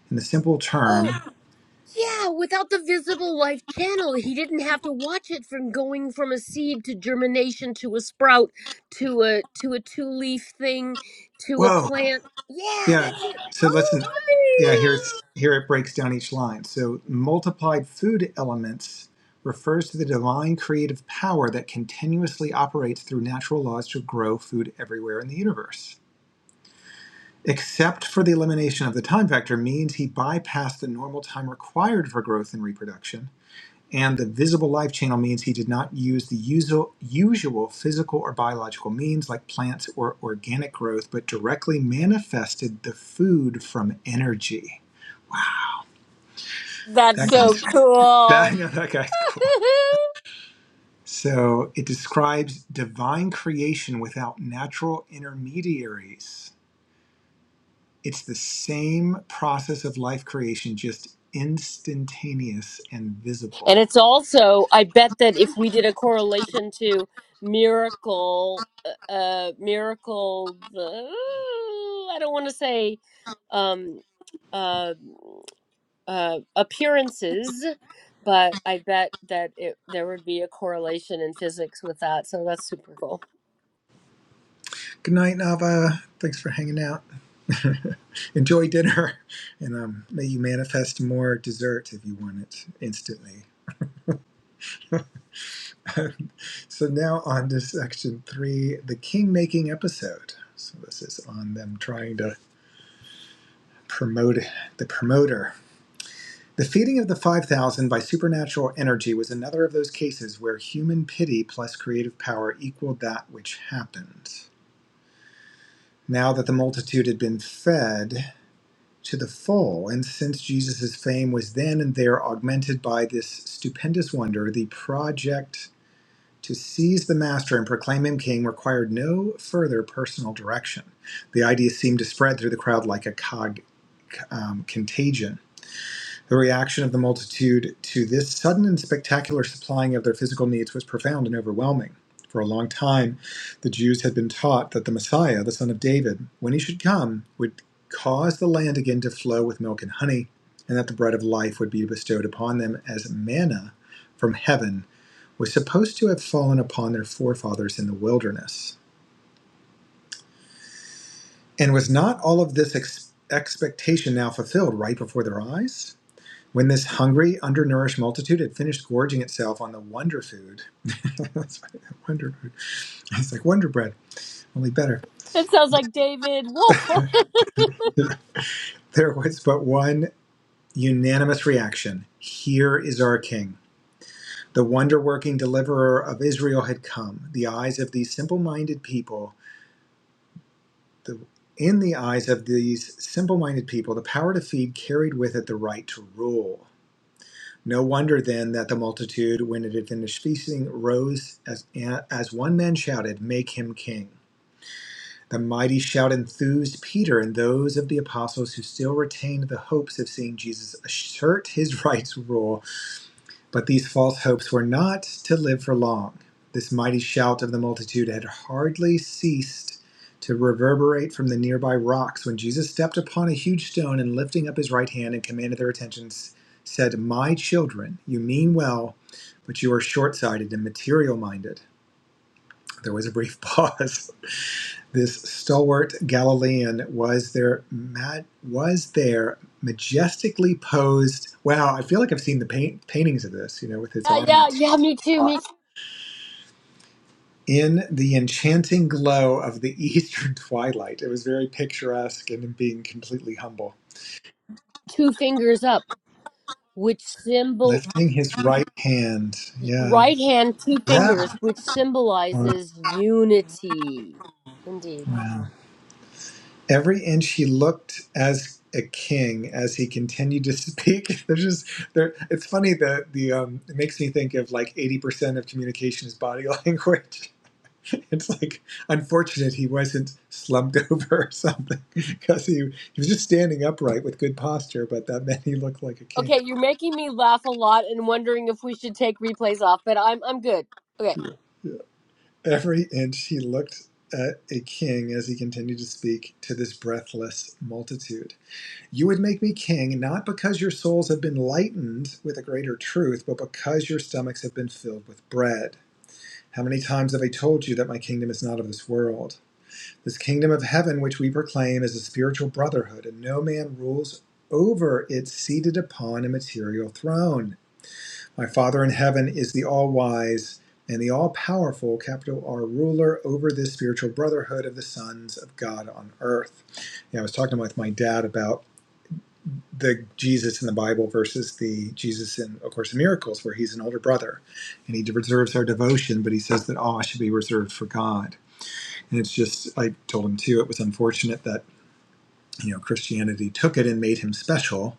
Speaker 2: In the simple
Speaker 1: that.
Speaker 2: term,
Speaker 1: Yeah, without the visible life channel, he didn't have to watch it from going from a seed to germination to a sprout to a to a two-leaf thing to a
Speaker 2: whoa,
Speaker 1: plant. Yeah,
Speaker 2: yeah.
Speaker 1: that's it.
Speaker 2: So listen, Yeah,
Speaker 1: Oh,
Speaker 2: here's here it breaks down each line. So multiplied food elements refers to the divine creative power that continuously operates through natural laws to grow food everywhere in the universe. Except for the elimination of the time factor means he bypassed the normal time required for growth and reproduction, and the visible life channel means he did not use the usual, usual physical or biological means like plants or organic growth, but directly manifested the food from energy.
Speaker 1: yippee. That's
Speaker 2: That
Speaker 1: so
Speaker 2: guy's I
Speaker 1: cool.
Speaker 2: know that guy's cool. So it describes divine creation without natural intermediaries. It's the same process of life creation, just instantaneous and
Speaker 1: and
Speaker 2: visible.
Speaker 1: it's also, I bet that if we did a correlation to miracle, uh, uh miracle, uh, I don't want to say, um, uh. uh, appearances, but I bet that it, there would be a correlation in physics with that. So that's super cool.
Speaker 2: Good night, Nava. Thanks for hanging out. Enjoy dinner, and um, may you manifest more dessert if you want it instantly. so now on to section three, the king making episode. So this is on them trying to Promote the promoter. The feeding of the 5,000 by supernatural energy was another of those cases where human pity plus creative power equaled that which happened. Now that the multitude had been fed to the full, and since Jesus' fame was then and there augmented by this stupendous wonder, the project to seize the master and proclaim him king required no further personal direction. The idea seemed to spread through the crowd like a cog um, contagion The reaction of the multitude to this sudden and spectacular supplying of their physical needs was profound and overwhelming. For a long time, the Jews had been taught that the Messiah, the son of David, when he should come, would cause the land again to flow with milk and honey, and that the bread of life would be bestowed upon them as manna from heaven was supposed to have fallen upon their forefathers in the wilderness. And was not all of this ex- expectation now fulfilled right before their eyes? When this hungry, undernourished multitude had finished gorging itself on the wonder food, that's right, wonder food. It's like wonder bread, only better.
Speaker 1: It sounds like David Wolf.
Speaker 2: There was but one unanimous reaction Here is our king. The wonder working deliverer of Israel had come. The eyes of these simple minded people, the, in the eyes of these simple minded people, the power to feed carried with it the right to rule. No wonder then that the multitude, when it had finished feasting, rose as, as one man shouted, Make him king. The mighty shout enthused Peter and those of the apostles who still retained the hopes of seeing Jesus assert his rights rule but these false hopes were not to live for long. This mighty shout of the multitude had hardly ceased to reverberate from the nearby rocks when Jesus stepped upon a huge stone and lifting up his right hand and commanded their attention, said, My children, you mean well, but you are short sighted and material minded. There was a brief pause. This stalwart Galilean was there, mad, was there majestically posed. Wow, I feel like I've seen the paint, paintings of this, you know, with his
Speaker 1: yeah,
Speaker 2: arm outstretched
Speaker 1: yeah, yeah, me too.
Speaker 2: uh,
Speaker 1: Me too.
Speaker 2: in the enchanting glow of the eastern twilight. It was very picturesque and being completely humble.
Speaker 1: Two fingers up, which symbol,
Speaker 2: Lifting his right hand. Yeah.
Speaker 1: right hand, two fingers,
Speaker 2: Yeah.
Speaker 1: which
Speaker 2: Wow.
Speaker 1: symbolizes unity. Indeed.
Speaker 2: Wow. Every inch he looked as a king as he continued to speak. There's just there it's funny that the um it makes me think of like 80% of communication is body language. it's like unfortunate he wasn't slumped over or something because he, he was just standing upright with good posture, but that meant he looked like a king.
Speaker 1: Okay, you're making me laugh a lot and wondering if we should take replays off, but I'm I'm good. Okay.
Speaker 2: Every inch he looked at a king as he continued to speak to this breathless multitude. You would make me king not because your souls have been lightened with a greater truth, but because your stomachs have been filled with bread. How many times have I told you that my kingdom is not of this world? This kingdom of heaven, which we proclaim, is a spiritual brotherhood, and no man rules over it seated upon a material throne. My Father in heaven is the all wise and the all powerful, capital R, ruler over this spiritual brotherhood of the sons of God on earth. Yeah, I was talking with my dad about the Jesus in the Bible versus the Jesus in A Course in Miracles, where he's an older brother and he deserves our devotion, but he says that all should be reserved for God. And it's just, I told him too, it was unfortunate that you know christianity took it and made him special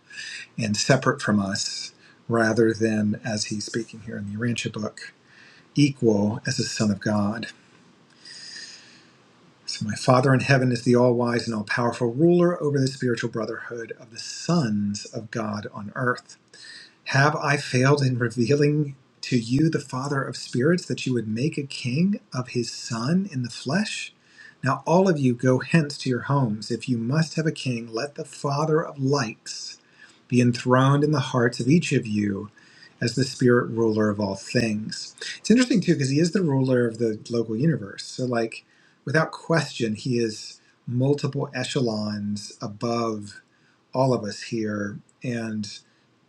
Speaker 2: and separate from us rather than as he's speaking here in the urantia book equal as the son of god so my father in heaven is the all-wise and all-powerful ruler over the spiritual brotherhood of the sons of god on earth Have I failed in revealing to you the Father of spirits that you would make a king of his Son in the flesh? Now, all of you go hence to your homes. If you must have a king, let the Father of lights be enthroned in the hearts of each of you as the spirit ruler of all things. It's interesting, too, because he is the ruler of the local universe. So, like, without question, he is multiple echelons above all of us here. And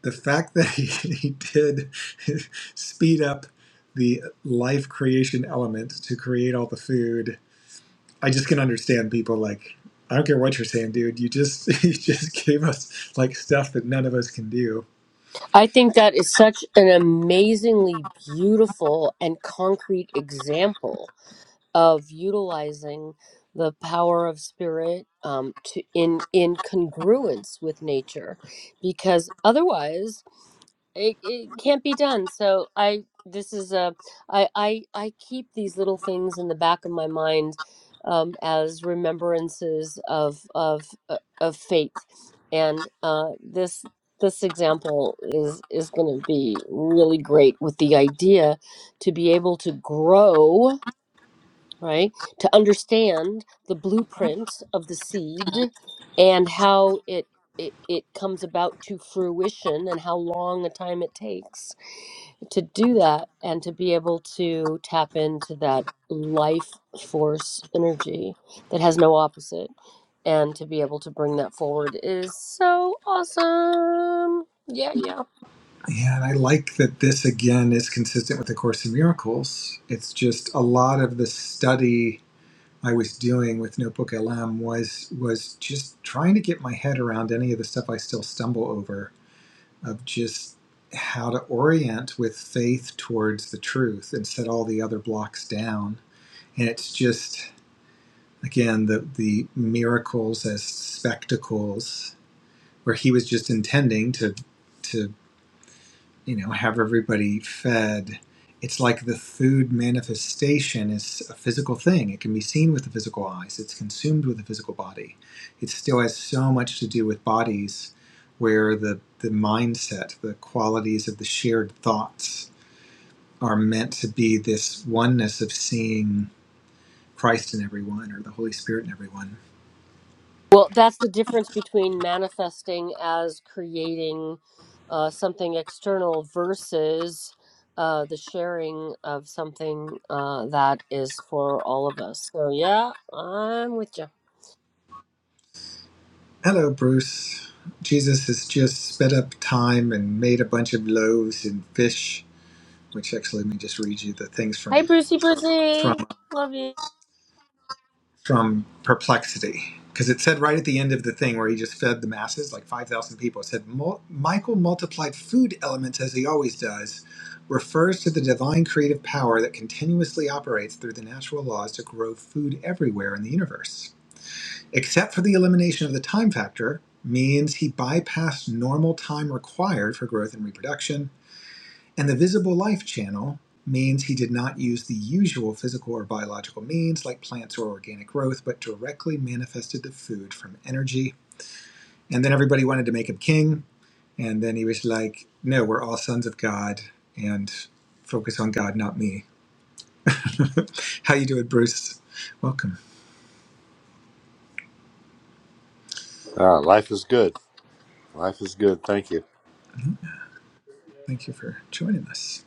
Speaker 2: the fact that he, he did speed up the life creation element to create all the food i just can understand people like i don't care what you're saying dude you just you just gave us like stuff that none of us can do
Speaker 1: I think that is such an amazingly beautiful and concrete example of utilizing the power of spirit um, to in in congruence with nature, because otherwise it, it can't be done so i this is a i i i keep these little things in the back of my mind um as remembrances of of uh, of faith and uh this this example is is going to be really great with the idea to be able to grow right? To understand the blueprint of the seed and how it it, it comes about to fruition and how long a time it takes to do that and to be able to tap into that life force energy that has no opposite and to be able to bring that forward is so awesome yeah yeah
Speaker 2: yeah and i like that this again is consistent with the course in miracles it's just a lot of the study i was doing with notebook lm was was just trying to get my head around any of the stuff i still stumble over of just how to orient with faith towards the truth and set all the other blocks down. And it's just again the the miracles as spectacles where he was just intending to to you know have everybody fed it's like the food manifestation is a physical thing it can be seen with the physical eyes it's consumed with the physical body it still has so much to do with bodies where the the mindset the qualities of the shared thoughts are meant to be this oneness of seeing Christ in everyone or the Holy Spirit in everyone
Speaker 1: Well, that's the difference between manifesting as creating uh, something external versus uh, the sharing of something uh, that is for all of us. So, yeah, I'm with you.
Speaker 2: hello bruce jesus has just sped up time and made a bunch of loaves and fish which actually let me just read you the things
Speaker 1: Hi,
Speaker 2: from
Speaker 1: Brucey
Speaker 2: from
Speaker 1: Brucey. Love you.
Speaker 2: from perplexity because it said right at the end of the thing where he just fed the masses like 5000 people it said michael multiplied food elements as he always does refers to the divine creative power that continuously operates through the natural laws to grow food everywhere in the universe except for the elimination of the time factor means he bypassed normal time required for growth and reproduction And the visible life channel means he did not use the usual physical or biological means like plants or organic growth, but directly manifested the food from energy. And then everybody wanted to make him king. And then he was like, no, we're all sons of God and focus on God, not me. How you doing, Bruce? Welcome.
Speaker 3: Ah, life is good. Life is good. Thank you.
Speaker 2: Thank you for joining us.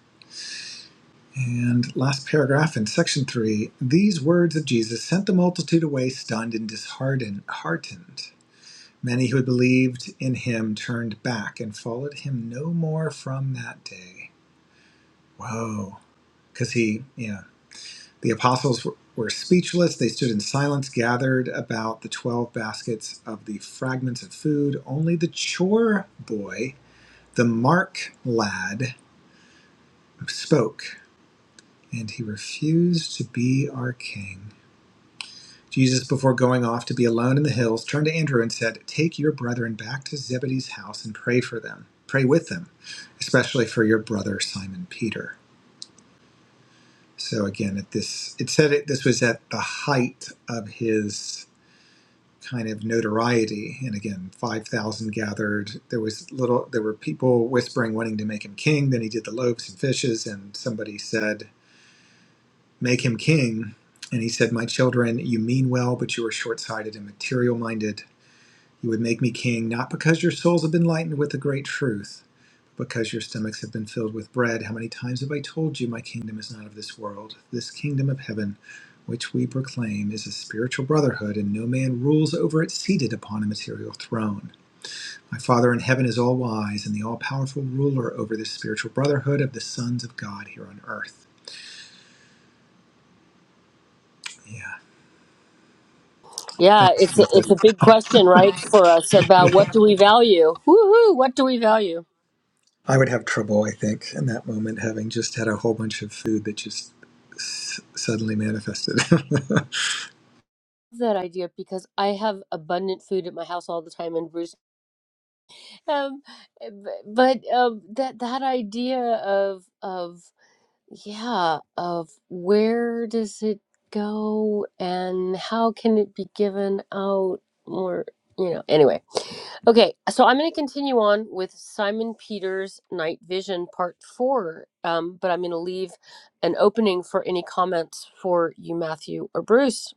Speaker 2: And last paragraph in section three, these words of Jesus sent the multitude away stunned and disheartened. Many who had believed in him turned back and followed him no more from that day. Whoa. Because he, yeah. The apostles were, were speechless. They stood in silence, gathered about the 12 baskets of the fragments of food. Only the chore boy, the mark lad, spoke, and he refused to be our king. Jesus, before going off to be alone in the hills, turned to Andrew and said, Take your brethren back to Zebedee's house and pray for them. Pray with them, especially for your brother Simon Peter. So again, at this, it said it, this was at the height of his kind of notoriety. And again, 5,000 gathered. There was little, there were people whispering, wanting to make him king. Then he did the loaves and fishes. And somebody said, make him king. And he said, my children, you mean well, but you are short-sighted and material-minded You would make me king, not because your souls have been lightened with the great truth, but because your stomachs have been filled with bread. How many times have I told you my kingdom is not of this world? This kingdom of heaven, which we proclaim, is a spiritual brotherhood, and no man rules over it seated upon a material throne. My Father in heaven is all wise and the all powerful ruler over this spiritual brotherhood of the sons of God here on earth. Yeah.
Speaker 1: Yeah,
Speaker 2: Thanks,
Speaker 1: it's a,
Speaker 2: Jesus.
Speaker 1: it's a big question, right, for us about what do we value? Woohoo, what do we value?
Speaker 2: I would have trouble, I think, in that moment, having just had a whole bunch of food that just s- suddenly manifested. you
Speaker 1: That idea because I have abundant food at my house all the time, and Bruce. um, eh, b- but um, that that idea of of yeah of where does it go and how can it be given out or you know anyway okay so i'm going to continue on with simon peters night vision part four um, but i'm going to leave an opening for any comments for you matthew or bruce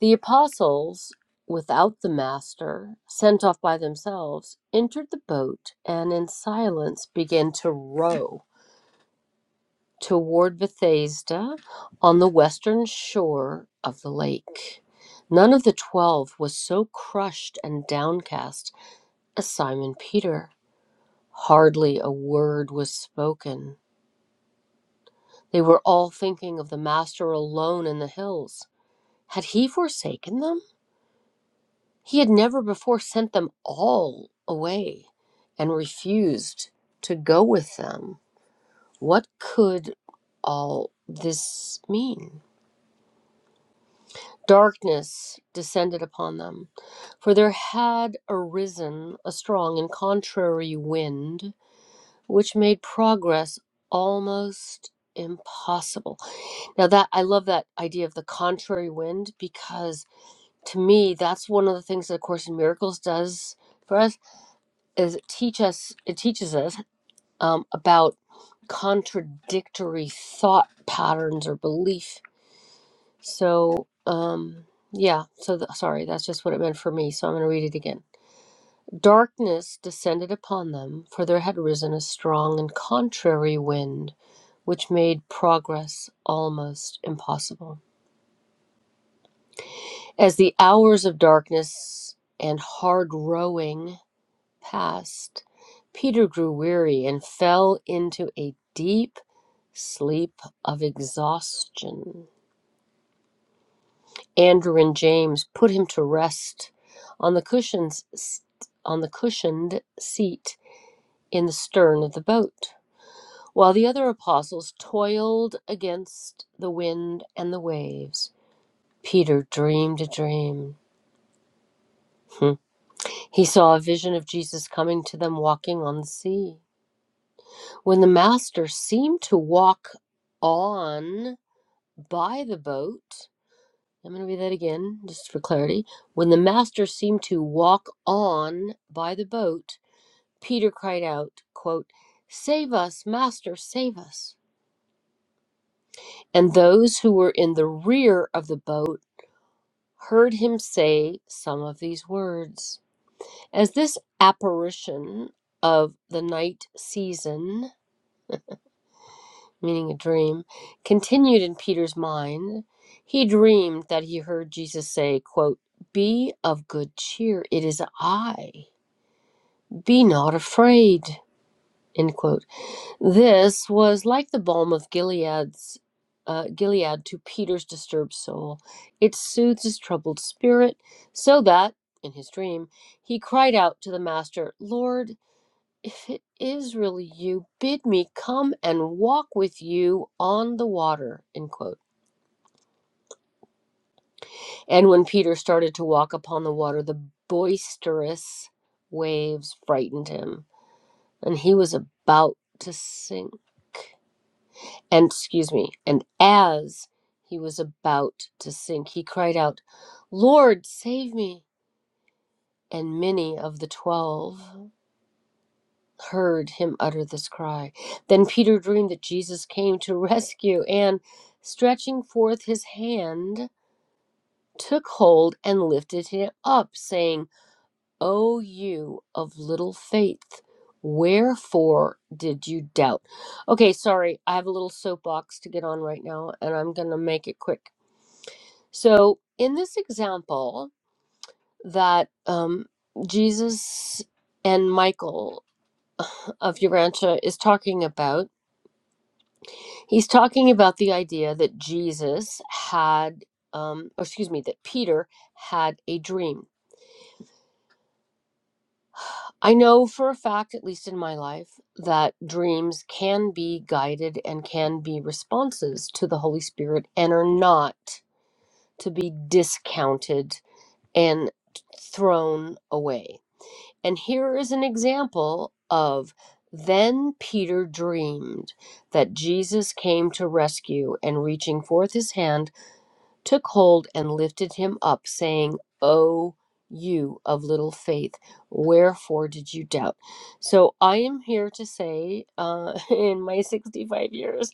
Speaker 1: The apostles, without the master, sent off by themselves, entered the boat and in silence began to row toward Bethsaida on the western shore of the lake. None of the twelve was so crushed and downcast as Simon Peter. Hardly a word was spoken. They were all thinking of the master alone in the hills. Had he forsaken them? He had never before sent them all away and refused to go with them. What could all this mean? Darkness descended upon them, for there had arisen a strong and contrary wind which made progress almost impossible. Now that I love that idea of the contrary wind because to me that's one of the things that a course in miracles does for us is it teach us it teaches us um, about contradictory thought patterns or belief so um yeah so th- sorry that's just what it meant for me so i'm going to read it again darkness descended upon them for there had risen a strong and contrary wind which made progress almost impossible as the hours of darkness and hard rowing passed, Peter grew weary and fell into a deep sleep of exhaustion. Andrew and James put him to rest on the cushions on the cushioned seat in the stern of the boat, while the other apostles toiled against the wind and the waves. Peter dreamed a dream. Hmm. He saw a vision of Jesus coming to them walking on the sea. When the master seemed to walk on by the boat, I'm going to read that again just for clarity. When the master seemed to walk on by the boat, Peter cried out, quote, Save us, master, save us. And those who were in the rear of the boat heard him say some of these words. As this apparition of the night season meaning a dream, continued in Peter's mind, he dreamed that he heard Jesus say, quote, Be of good cheer, it is I. Be not afraid. End quote. This was like the balm of Gilead's uh, Gilead to Peter's disturbed soul. It soothed his troubled spirit, so that, in his dream, he cried out to the Master, Lord, if it is really you, bid me come and walk with you on the water. End quote. And when Peter started to walk upon the water, the boisterous waves frightened him, and he was about to sink. And excuse me, and as he was about to sink, he cried out, Lord, save me. And many of the twelve heard him utter this cry. Then Peter dreamed that Jesus came to rescue and, stretching forth his hand, took hold and lifted him up, saying, O you of little faith, wherefore did you doubt? Okay, sorry, I have a little soapbox to get on right now, and I'm going to make it quick. So, in this example, that um, Jesus and Michael of Urantia is talking about, He's talking about the idea that Jesus had, um, or excuse me, that Peter had a dream. I know for a fact, at least in my life, that dreams can be guided and can be responses to the Holy Spirit and are not to be discounted and thrown away. And here is an example of then Peter dreamed that Jesus came to rescue and reaching forth his hand took hold and lifted him up, saying, O you of little faith, wherefore did you doubt? So I am here to say, uh, in my 65 years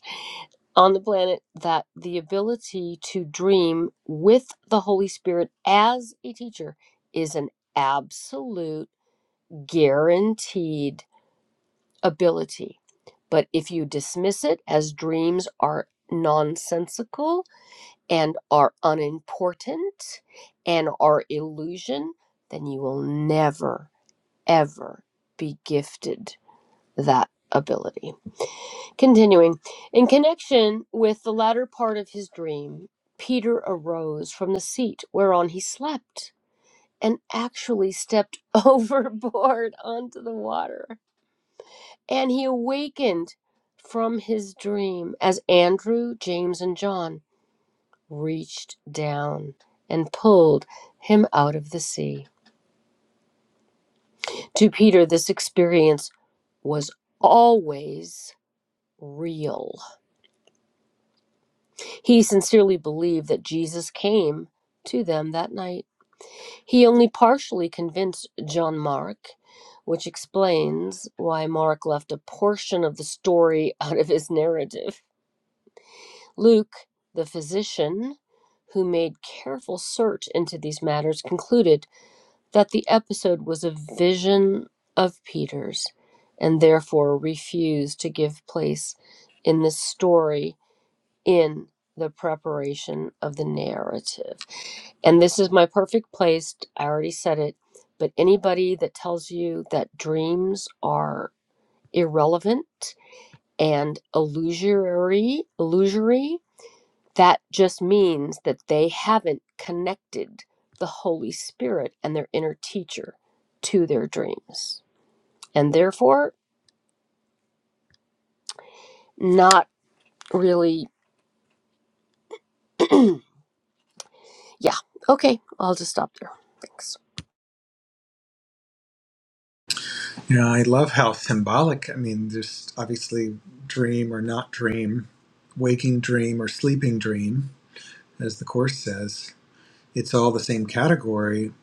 Speaker 1: on the planet, that the ability to dream with the Holy Spirit as a teacher is an absolute guaranteed ability. But if you dismiss it as dreams are nonsensical, and are unimportant and are illusion, then you will never, ever be gifted that ability. Continuing, in connection with the latter part of his dream, Peter arose from the seat whereon he slept and actually stepped overboard onto the water. And he awakened from his dream as Andrew, James, and John. reached down and pulled him out of the sea. To Peter, this experience was always real. He sincerely believed that Jesus came to them that night. He only partially convinced John Mark, which explains why Mark left a portion of the story out of his narrative. Luke, the physician, who made careful search into these matters, concluded that the episode was a vision of Peter's and therefore refused to give place in the story in the preparation of the narrative. And this is my perfect place. I already said it, but anybody that tells you that dreams are irrelevant and illusory, illusory that just means that they haven't connected the Holy Spirit and their inner teacher to their dreams. And therefore, not really. yeah. Okay. I'll just stop there. Thanks.
Speaker 2: know, I love how symbolic. I mean, just obviously dream or not dream, waking dream or sleeping dream, as the Course says, it's all the same category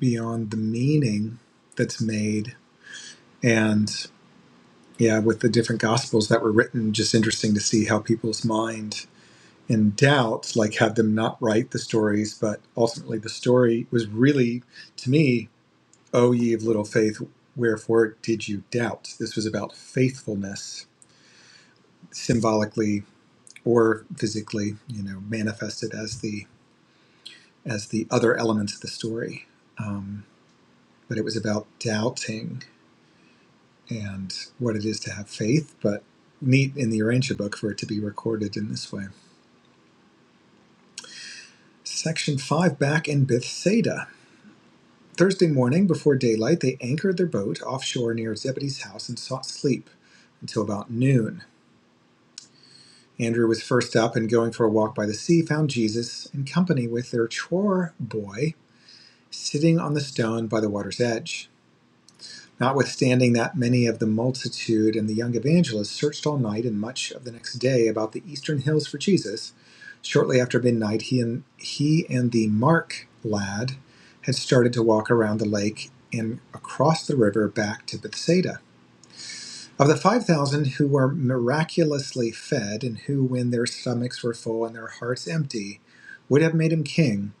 Speaker 2: beyond the meaning that's made. And yeah, with the different Gospels that were written, just interesting to see how people's mind in doubt, like had them not write the stories, but ultimately the story was really, to me, O ye of little faith, wherefore did you doubt? This was about faithfulness, symbolically or physically, you know, manifested as the as the other elements of the story. Um, but it was about doubting and what it is to have faith. But neat in the Urantia book for it to be recorded in this way. Section five, back in Bethsaida. Thursday morning, before daylight, they anchored their boat offshore near Zebedee's house and sought sleep until about noon. Andrew was first up and going for a walk by the sea, found Jesus in company with their chore boy sitting on the stone by the water's edge. Notwithstanding that many of the multitude and the young evangelists searched all night and much of the next day about the eastern hills for Jesus, shortly after midnight he and he and the Mark lad had started to walk around the lake and across the river back to Bethsaida. Of the 5,000 who were miraculously fed and who, when their stomachs were full and their hearts empty, would have made him king,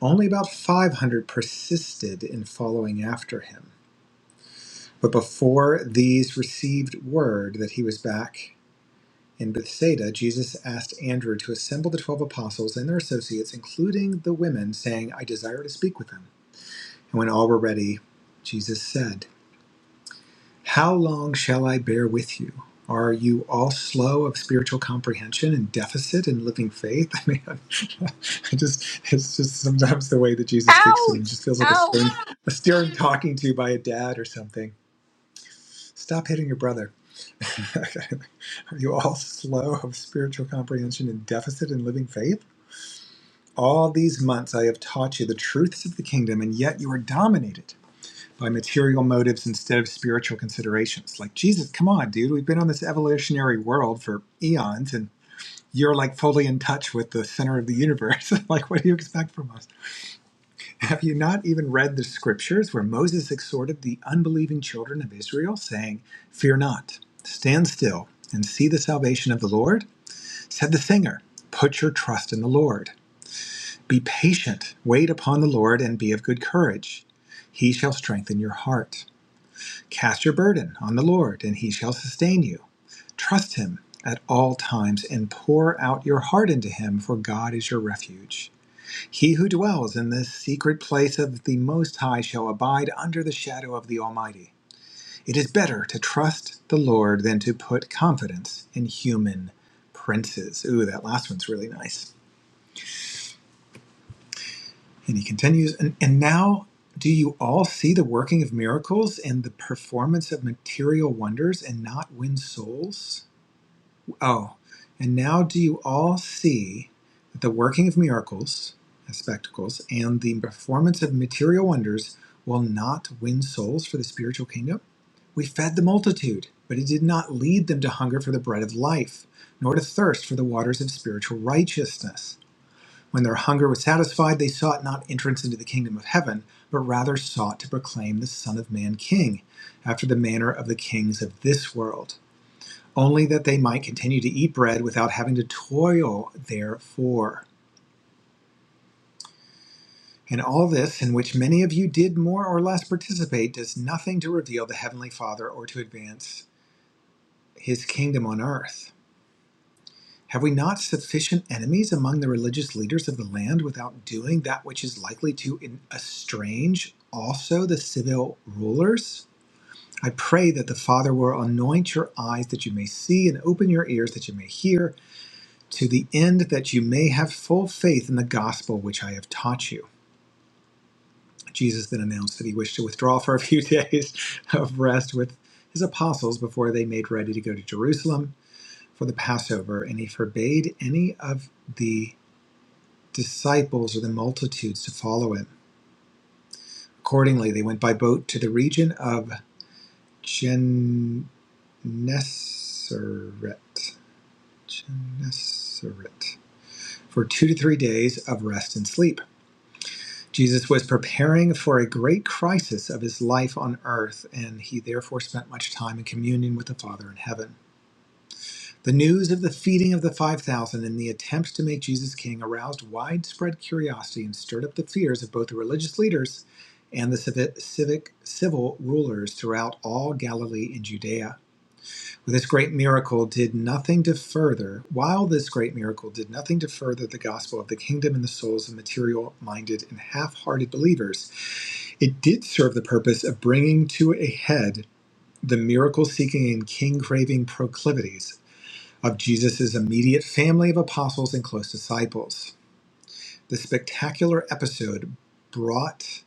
Speaker 2: only about 500 persisted in following after him. But before these received word that he was back in Bethsaida, Jesus asked Andrew to assemble the twelve apostles and their associates, including the women, saying, I desire to speak with them. And when all were ready, Jesus said, How long shall I bear with you? Are you all slow of spiritual comprehension and deficit in living faith? I mean, I just it's just sometimes the way that Jesus speaks to them
Speaker 1: Ouch!
Speaker 2: just feels like a
Speaker 1: Ouch!
Speaker 2: stern a stern talking to by a dad or something. Stop hitting your brother. Are you all slow of spiritual comprehension and deficit in living faith? All these months I have taught you the truths of the kingdom, and yet you are dominated by material motives instead of spiritual considerations. Like, Jesus, come on, dude. We've been on this evolutionary world for eons, and you're like fully in touch with the center of the universe. like, what do you expect from us? Have you not even read the scriptures where Moses exhorted the unbelieving children of Israel, saying, Fear not, stand still, and see the salvation of the Lord? Said the singer, Put your trust in the Lord. Be patient, wait upon the Lord, and be of good courage. He shall strengthen your heart. Cast your burden on the Lord, and he shall sustain you. Trust him at all times and pour out your heart into him, for God is your refuge. He who dwells in the secret place of the Most High shall abide under the shadow of the Almighty. It is better to trust the Lord than to put confidence in human princes. Ooh, that last one's really nice. And he continues, and, and now do you all see the working of miracles and the performance of material wonders and not win souls? Oh, and now do you all see that the working of miracles, as spectacles, and the performance of material wonders will not win souls for the spiritual kingdom? We fed the multitude, but it did not lead them to hunger for the bread of life, nor to thirst for the waters of spiritual righteousness. When their hunger was satisfied, they sought not entrance into the kingdom of heaven, but rather sought to proclaim the Son of Man king, after the manner of the kings of this world, only that they might continue to eat bread without having to toil therefor. And all this, in which many of you did more or less participate, does nothing to reveal the Heavenly Father or to advance his kingdom on earth. Have we not sufficient enemies among the religious leaders of the land without doing that which is likely to estrange also the civil rulers? I pray that the Father will anoint your eyes that you may see and open your ears that you may hear, to the end that you may have full faith in the gospel which I have taught you. Jesus then announced that he wished to withdraw for a few days of rest with his apostles before they made ready to go to Jerusalem for the Passover, and he forbade any of the disciples or the multitudes to follow him. Accordingly, they went by boat to the region of Gennesaret, Gennesaret for two to three days of rest and sleep. Jesus was preparing for a great crisis of his life on earth, and he therefore spent much time in communion with the Father in heaven. The news of the feeding of the 5,000 and the attempt to make Jesus king aroused widespread curiosity and stirred up the fears of both the religious leaders and the civic, civic civil rulers throughout all Galilee and Judea. This great miracle did nothing to further, while this great miracle did nothing to further the gospel of the kingdom in the souls of material minded and half hearted believers, it did serve the purpose of bringing to a head the miracle seeking and king craving proclivities of Jesus' immediate family of apostles and close disciples. The spectacular episode brought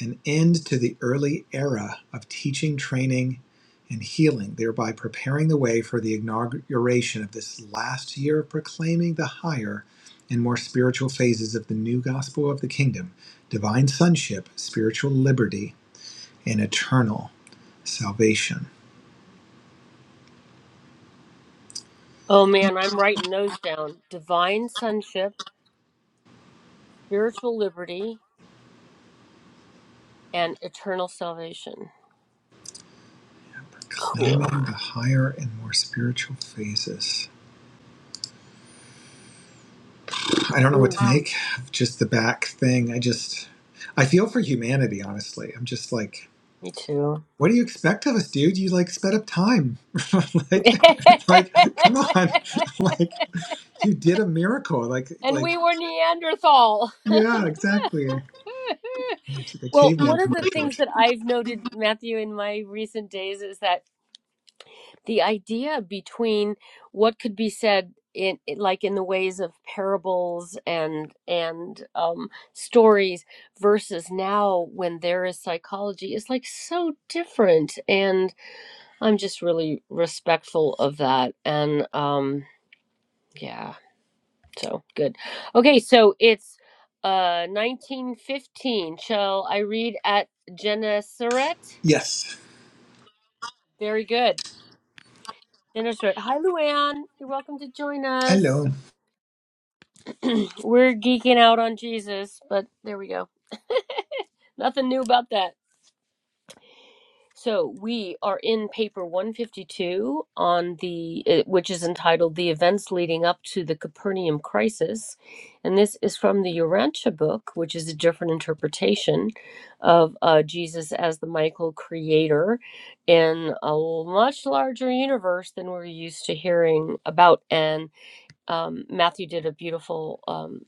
Speaker 2: an end to the early era of teaching, training, and healing, thereby preparing the way for the inauguration of this last year of proclaiming the higher and more spiritual phases of the new gospel of the kingdom divine sonship, spiritual liberty, and eternal salvation.
Speaker 1: Oh man, I'm writing those down. Divine sonship, spiritual liberty, and eternal salvation.
Speaker 2: Proclaiming
Speaker 1: Cool.
Speaker 2: the higher and more spiritual phases. I don't know what to
Speaker 1: Mm,
Speaker 2: Wow. make of just the back thing. I just, I feel for humanity, honestly. I'm just like,
Speaker 1: me too.
Speaker 2: what do you expect of us, dude? You like sped up time. like, like, come on. like, you did a miracle. Like,
Speaker 1: and
Speaker 2: like,
Speaker 1: we were Neanderthal.
Speaker 2: yeah, exactly. It's like a
Speaker 1: Well,
Speaker 2: caveman
Speaker 1: one of the
Speaker 2: commercial.
Speaker 1: things that I've noted, Matthew, in my recent days is that the idea between what could be said in like in the ways of parables and and um, stories versus now when there is psychology is like so different, and I'm just really respectful of that. And um, yeah, so good. Okay, so it's uh 1915. Shall I read at Gennesaret?
Speaker 2: Yes.
Speaker 1: Very good. Minister. it. Hi, Luann. You're welcome to join us.
Speaker 2: Hello.
Speaker 1: We're geeking out on Jesus, but there we go. Nothing new about that. So we are in paper 152 on the uh, which is entitled "The Events Leading Up to the Capernaum Crisis," and this is from the Urantia book, which is a different interpretation of uh, Jesus as the Michael Creator in a much larger universe than we're used to hearing about, and um, Matthew did a beautiful um,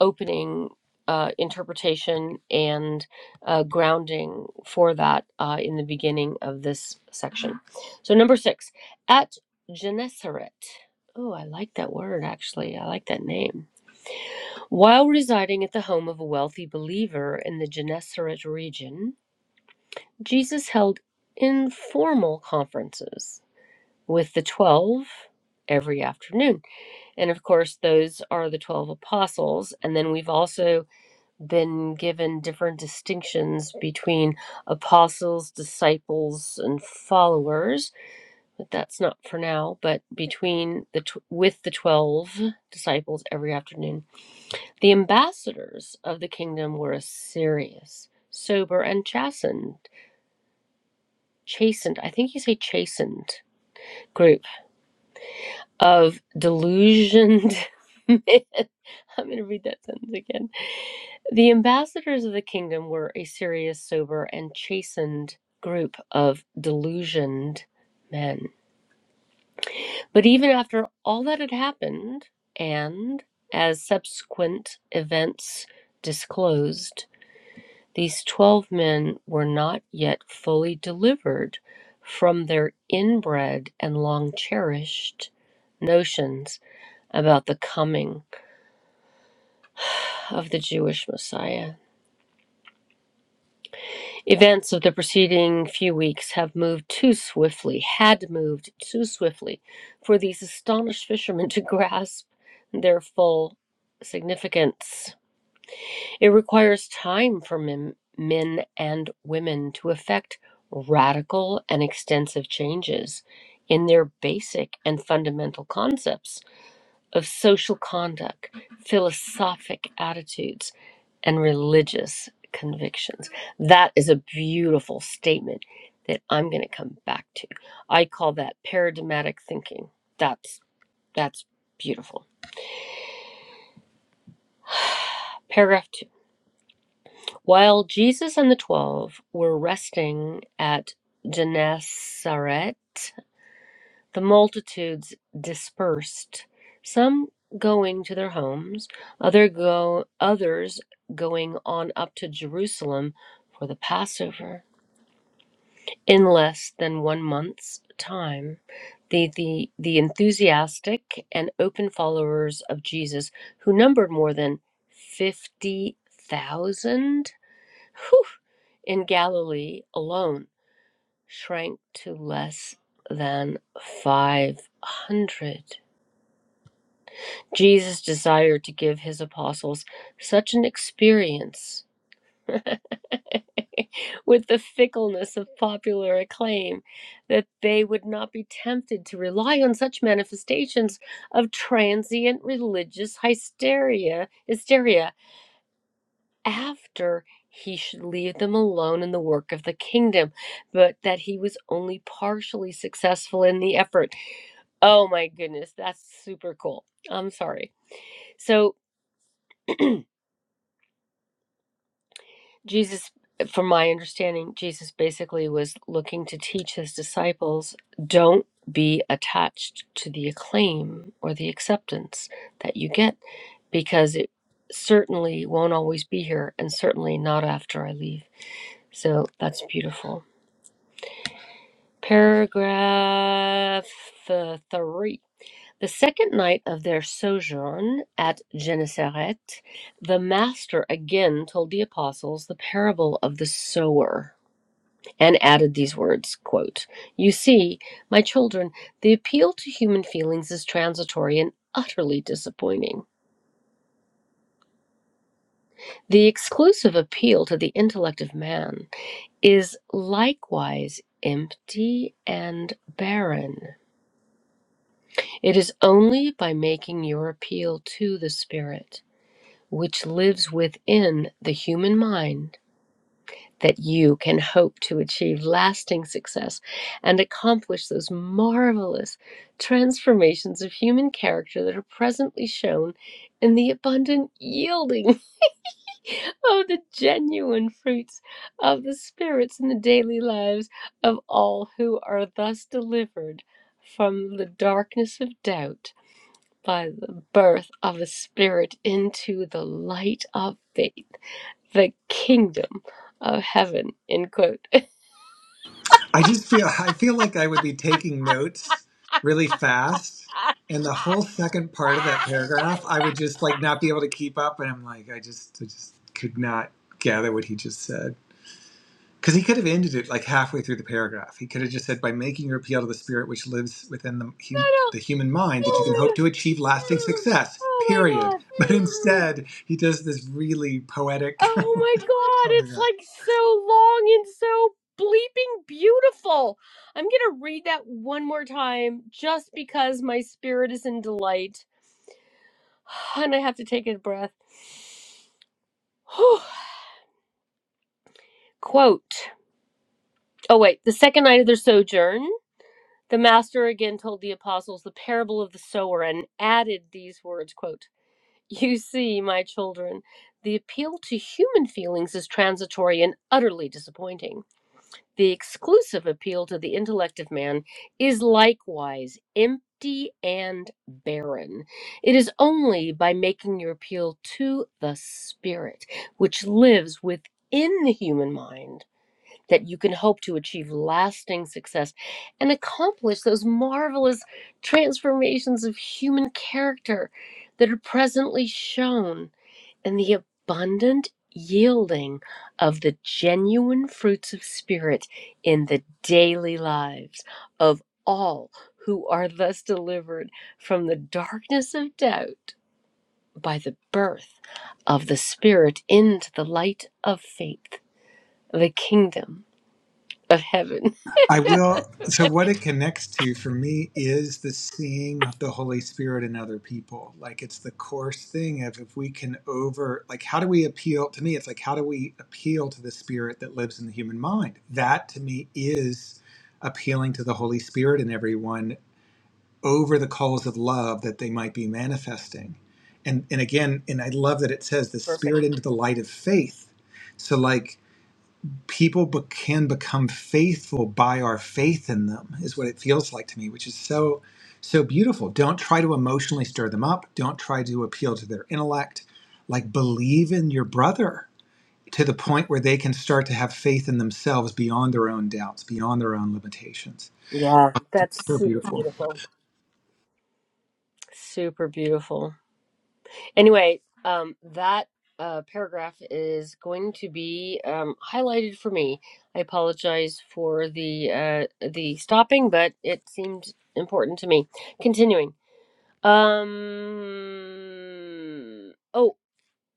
Speaker 1: opening uh, interpretation and uh, grounding for that uh, in the beginning of this section. So, number six, at Gennesaret. Oh, I like that word actually. I like that name. While residing at the home of a wealthy believer in the Gennesaret region, Jesus held informal conferences with the twelve every afternoon. And of course, those are the 12 apostles. And then we've also been given different distinctions between apostles, disciples, and followers. But that's not for now, but between the tw- with the 12 disciples every afternoon. The ambassadors of the kingdom were serious, sober, and chastened. Chastened. I think you say chastened group of delusioned men. I'm going to read that sentence again. The ambassadors of the kingdom were a serious, sober, and chastened group of delusioned men. But even after all that had happened, and as subsequent events disclosed, these 12 men were not yet fully delivered from their inbred and long cherished notions about the coming of the Jewish Messiah. Events of the preceding few weeks have moved too swiftly, had moved too swiftly, for these astonished fishermen to grasp their full significance. It requires time for men, men and women to effect radical and extensive changes in their basic and fundamental concepts of social conduct, philosophic attitudes and religious convictions. That is a beautiful statement that I'm going to come back to. I call that paradigmatic thinking. That's that's beautiful. Paragraph 2. While Jesus and the 12 were resting at Gennesaret, the multitudes dispersed, some going to their homes, other go others going on up to Jerusalem for the Passover. in less than one month's time, the, the, the enthusiastic and open followers of Jesus, who numbered more than 50,000 whew, in Galilee alone, shrank to less than 500. Jesus desired to give his apostles such an experience with the fickleness of popular acclaim, that they would not be tempted to rely on such manifestations of transient religious hysteria, hysteria after he should leave them alone in the work of the kingdom, but that he was only partially successful in the effort. Oh my goodness, that's super cool. I'm sorry. So Jesus, from my understanding, Jesus basically was looking to teach his disciples don't be attached to the acclaim or the acceptance that you get because it certainly won't always be here and certainly not after I leave. So that's beautiful. Paragraph uh, three. The second night of their sojourn at Gennesaret, the Master again told the apostles the parable of the sower and added these words quote you see my children the appeal to human feelings is transitory and utterly disappointing the exclusive appeal to the intellect of man is likewise empty and barren it is only by making your appeal to the spirit which lives within the human mind that you can hope to achieve lasting success and accomplish those marvelous transformations of human character that are presently shown in the abundant yielding of the genuine fruits of the spirits in the daily lives of all who are thus delivered from the darkness of doubt by the birth of the spirit into the light of faith the kingdom of heaven end quote
Speaker 2: I just feel I feel like I would be taking notes really fast, and the whole second part of that paragraph, I would just like not be able to keep up, and I'm like, I just I just could not gather what he just said. Because he could have ended it like halfway through the paragraph. He could have just said, "By making your appeal to the spirit which lives within the
Speaker 1: No,
Speaker 2: hum-
Speaker 1: no.
Speaker 2: the human mind, that you
Speaker 1: Oh
Speaker 2: can
Speaker 1: my
Speaker 2: hope
Speaker 1: god.
Speaker 2: to achieve lasting success."
Speaker 1: Oh my
Speaker 2: Period.
Speaker 1: god.
Speaker 2: But instead, he does this really poetic.
Speaker 1: Oh
Speaker 2: oh
Speaker 1: my god.
Speaker 2: my
Speaker 1: It's
Speaker 2: god.
Speaker 1: like so long and so bleeping beautiful. I'm going to read that one more time just because my spirit is in delight and I have to take a breath. Whew. Quote. Oh wait, the second night of their sojourn, the master again told the apostles the parable of the sower and added these words, quote, You see, my children, the appeal to human feelings is transitory and utterly disappointing. The exclusive appeal to the intellect of man is likewise empty and barren. It is only by making your appeal to the spirit, which lives within the human mind that you can hope to achieve lasting success and accomplish those marvelous transformations of human character that are presently shown in the abundant yielding of the genuine fruits of spirit in the daily lives of all who are thus delivered from the darkness of doubt by the birth of the spirit into the light of faith the kingdom of heaven
Speaker 2: I will. So,
Speaker 1: Okay.
Speaker 2: what it connects to for me is the seeing of the Holy Spirit in other people. Like, it's the course thing of if we can over, like, how do we appeal? To me, it's like, how do we appeal to the Spirit that lives in the human mind? That to me is appealing to the Holy Spirit in everyone over the calls of love that they might be manifesting. And, and again, and I love that it says the
Speaker 1: Perfect.
Speaker 2: Spirit into the light of faith. So, like, people be- can become faithful by our faith in them is what it feels like to me which is so so beautiful don't try to emotionally stir them up don't try to appeal to their intellect like believe in your brother to the point where they can start to have faith in themselves beyond their own doubts beyond their own limitations
Speaker 1: Yeah. That's
Speaker 2: so
Speaker 1: super
Speaker 2: beautiful
Speaker 1: beautiful. Super beautiful. Anyway, um, that uh, paragraph is going to be um, highlighted for me. I apologize for the uh, the stopping, but it seemed important to me. Continuing. Um. Oh,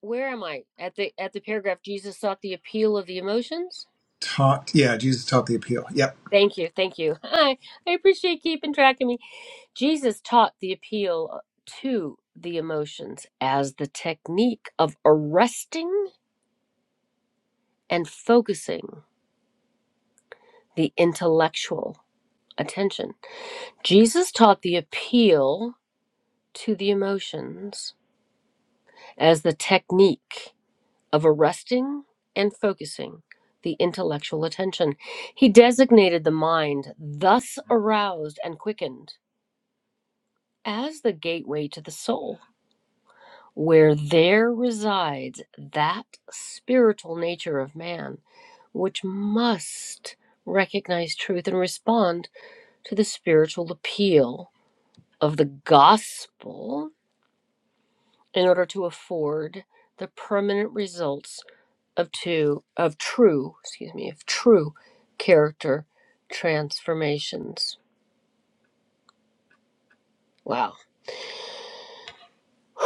Speaker 1: where am I at the at the paragraph? Jesus sought the appeal of the emotions.
Speaker 2: taught yeah jesus taught the appeal yep
Speaker 1: Thank you, thank you. I I appreciate keeping track of me. Jesus taught the appeal to the emotions as the technique of arresting and focusing the intellectual attention. Jesus taught the appeal to the emotions as the technique of arresting and focusing the intellectual attention. He designated the mind, thus aroused and quickened, as the gateway to the soul where there resides that spiritual nature of man, which must recognize truth and respond to the spiritual appeal of the gospel in order to afford the permanent results of two of true, excuse me, of true character transformations. Wow.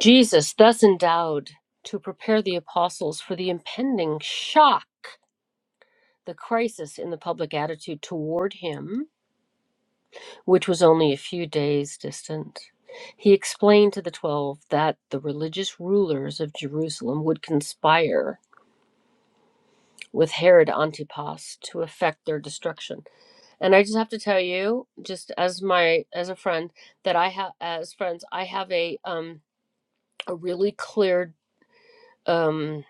Speaker 1: Jesus thus endowed to prepare the apostles for the impending shock the crisis in the public attitude toward him, which was only a few days distant. He explained to the Twelve that the religious rulers of Jerusalem would conspire with Herod Antipas to effect their destruction. And I just have to tell you, just as my as a friend, that I have as friends, I have a um a really clear um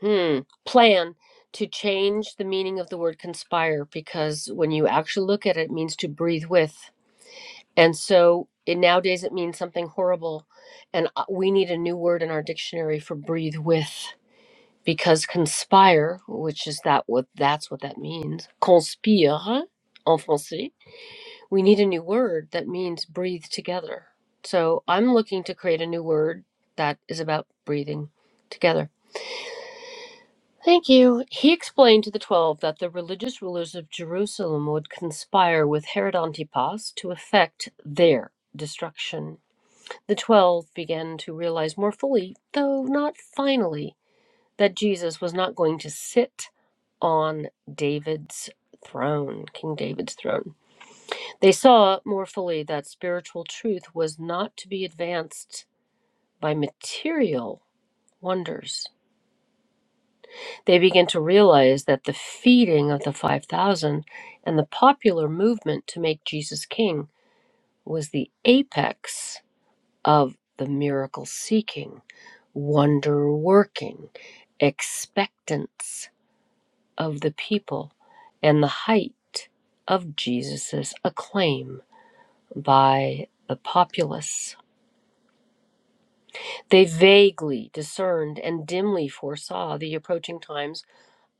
Speaker 1: hmm, plan to change the meaning of the word conspire because when you actually look at it, it means to breathe with And so it, nowadays it means something horrible. And uh, we need a new word in our dictionary for breathe with because conspire, which is that what that's what that means, conspire en français, we need a new word that means breathe together. So I'm looking to create a new word that is about breathing together. Thank you. He explained to the Twelve that the religious rulers of Jerusalem would conspire with Herod Antipas to effect their destruction The twelve began to realize more fully, though not finally, that Jesus was not going to sit on David's throne, King David's throne. They saw more fully that spiritual truth was not to be advanced by material wonders. They began to realize that the feeding of the 5,000 and the popular movement to make Jesus king was the apex of the miracle seeking, wonder working, expectance of the people, and the height of Jesus' acclaim by the populace. They vaguely discerned and dimly foresaw the approaching times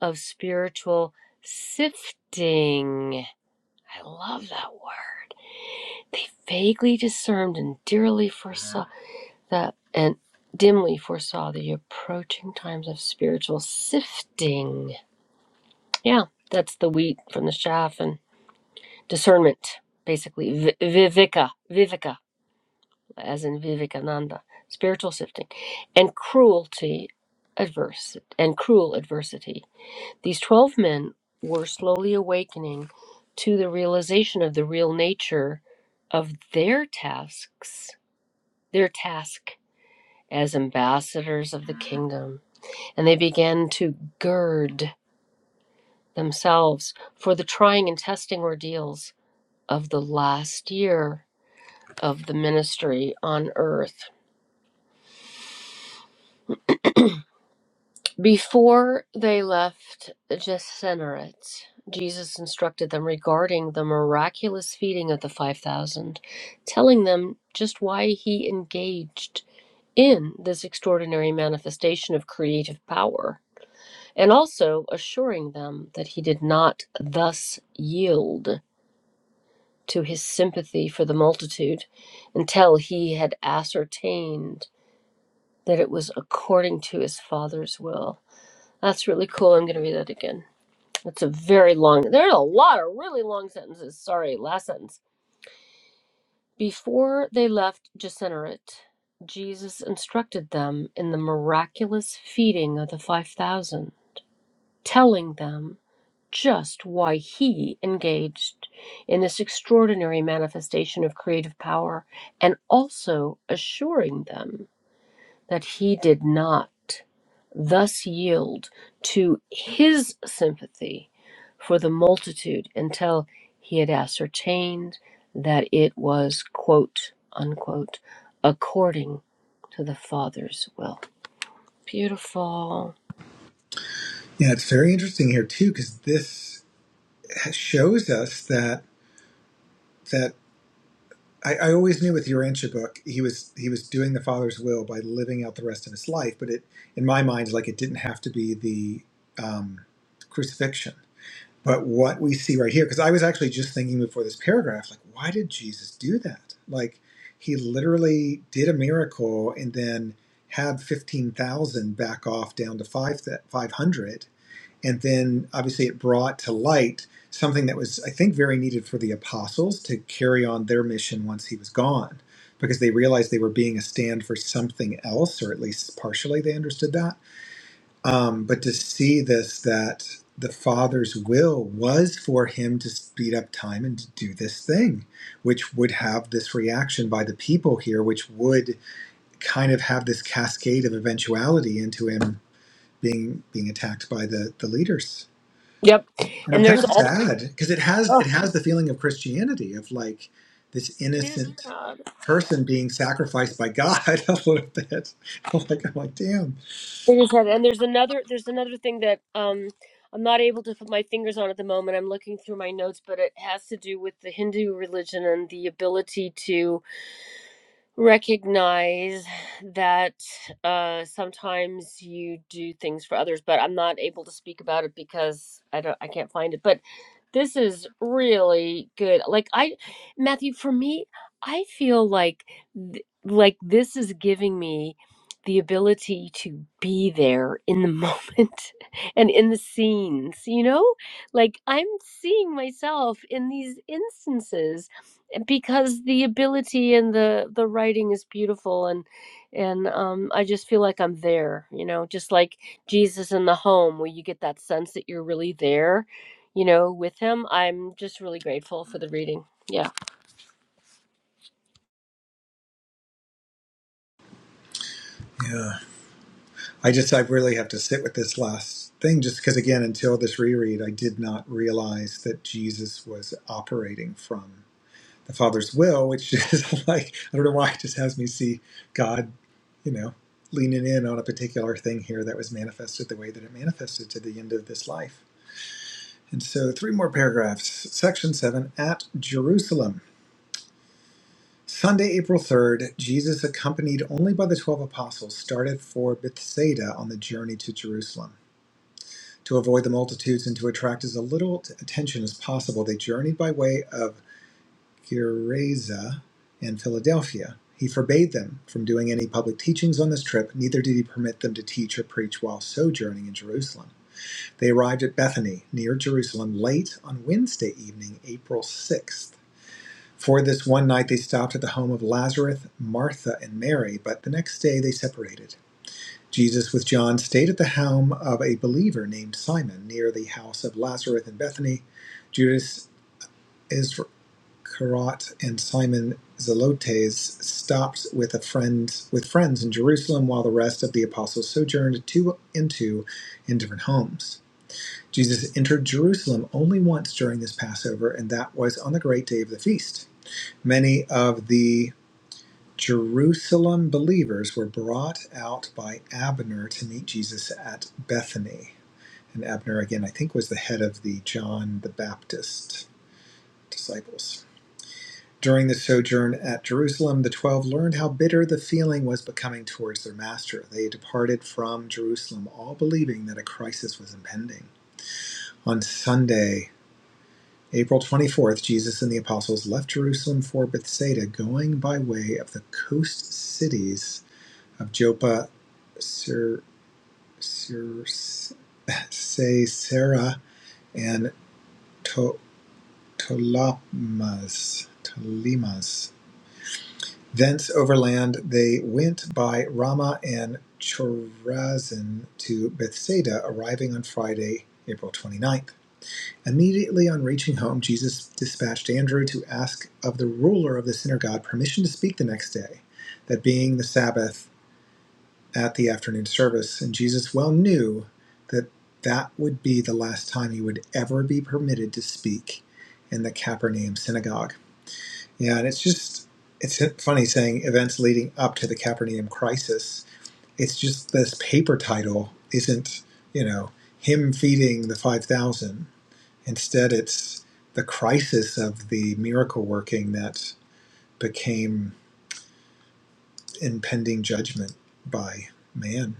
Speaker 1: of spiritual sifting. I love that word. They vaguely discerned and dearly foresaw that and dimly foresaw the approaching times of spiritual sifting. Yeah, that's the wheat from the chaff and discernment, basically. Vi- Viveka, viveka, as in vivekananda, spiritual sifting, and cruelty, adverse, and cruel adversity. These 12 men were slowly awakening to the realization of the real nature of their tasks, their task as ambassadors of the kingdom and they began to gird themselves for the trying and testing ordeals of the last year of the ministry on earth. Before they left Gennesaret, Jesus instructed them regarding the miraculous feeding of the 5,000, telling them just why he engaged in this extraordinary manifestation of creative power, and also assuring them that he did not thus yield to his sympathy for the multitude until he had ascertained that it was according to his father's will. That's really cool. I'm going to read that again. That's a very long, there are a lot of really long sentences. Sorry, last sentence. Before they left Gennesaret, Jesus instructed them in the miraculous feeding of the 5,000, telling them just why he engaged in this extraordinary manifestation of creative power and also assuring them that he did not thus yield to his sympathy for the multitude until he had ascertained that it was quote unquote according to the father's will beautiful
Speaker 2: yeah it's very interesting here too because this shows us that that I, I always knew with the Urantia book he was he was doing the father's will by living out the rest of his life, but it in my mind like it didn't have to be the um, crucifixion. But what we see right here, because I was actually just thinking before this paragraph, like why did Jesus do that? Like he literally did a miracle and then had fifteen thousand back off down to five five hundred and then obviously it brought to light something that was i think very needed for the apostles to carry on their mission once he was gone because they realized they were being a stand for something else or at least partially they understood that um, but to see this that the father's will was for him to speed up time and to do this thing which would have this reaction by the people here which would kind of have this cascade of eventuality into him being being attacked by the the leaders
Speaker 1: yep
Speaker 2: and I'm
Speaker 1: and
Speaker 2: kind
Speaker 1: there's
Speaker 2: of
Speaker 1: all
Speaker 2: sad because it has
Speaker 1: oh,
Speaker 2: it has the feeling of Christianity of like this
Speaker 1: it is
Speaker 2: innocent
Speaker 1: sad.
Speaker 2: person being sacrificed by God a little bit. I'm like I'm like damn.
Speaker 1: It is heavy. And there's another there's another thing that um I'm not able to put my fingers on at the moment. I'm looking through my notes, but it has to do with the Hindu religion and the ability to recognize that uh, sometimes you do things for others, but I'm not able to speak about it because I don't, I can't find it. But this is really good. Like I, Matthew, for me, I feel like th- like this is giving me the ability to be there in the moment and in the scenes you know like i'm seeing myself in these instances because the ability and the the writing is beautiful and and um I just feel like I'm there, you know, just like Jesus in the home where you get that sense that you're really there, you know, with him. I'm just really grateful for the reading. Yeah.
Speaker 2: Yeah, I just I really have to sit with this last thing just because again until this reread I did not realize that Jesus was operating from the Father's will, which is like I don't know why it just has me see God, you know. Leaning in on a particular thing here that was manifested the way that it manifested to the end of this life And so, three more paragraphs. Section 7 At Jerusalem. Sunday, April 3rd, Jesus, accompanied only by the 12 apostles, started for Bethsaida on the journey to Jerusalem. To avoid the multitudes and to attract as little attention as possible, they journeyed by way of Gerasa and Philadelphia. He forbade them from doing any public teachings on this trip, neither did he permit them to teach or preach while sojourning in Jerusalem. They arrived at Bethany, near Jerusalem, late on Wednesday evening, April 6th. For this one night they stopped at the home of Lazarus, Martha, and Mary, but the next day they separated. Jesus with John stayed at the home of a believer named Simon near the house of Lazarus in Bethany. Judas Iscariot and Simon Zelotes stopped with a friend with friends in Jerusalem while the rest of the apostles sojourned two and two in different homes. Jesus entered Jerusalem only once during this Passover, and that was on the great day of the feast. Many of the Jerusalem believers were brought out by Abner to meet Jesus at Bethany. And Abner, again, I think was the head of the John the Baptist disciples. During the sojourn at Jerusalem, the twelve learned how bitter the feeling was becoming towards their master. They departed from Jerusalem, all believing that a crisis was impending. On Sunday, April 24th, Jesus and the apostles left Jerusalem for Bethsaida, going by way of the coast cities of Joppa, Sir, Sir, Sisera, and to, Tolamas. Tolimas. Thence overland they went by Ramah and Chorazin to Bethsaida, arriving on Friday, April twenty ninth. Immediately on reaching home, Jesus dispatched Andrew to ask of the ruler of the synagogue permission to speak the next day, that being the Sabbath at the afternoon service, and Jesus well knew that that would be the last time he would ever be permitted to speak in the Capernaum synagogue. Yeah, and it's just, it's funny saying events leading up to the Capernaum crisis. It's just this paper title isn't, you know, him feeding the 5,000. Instead, it's the crisis of the miracle working that became impending judgment by man.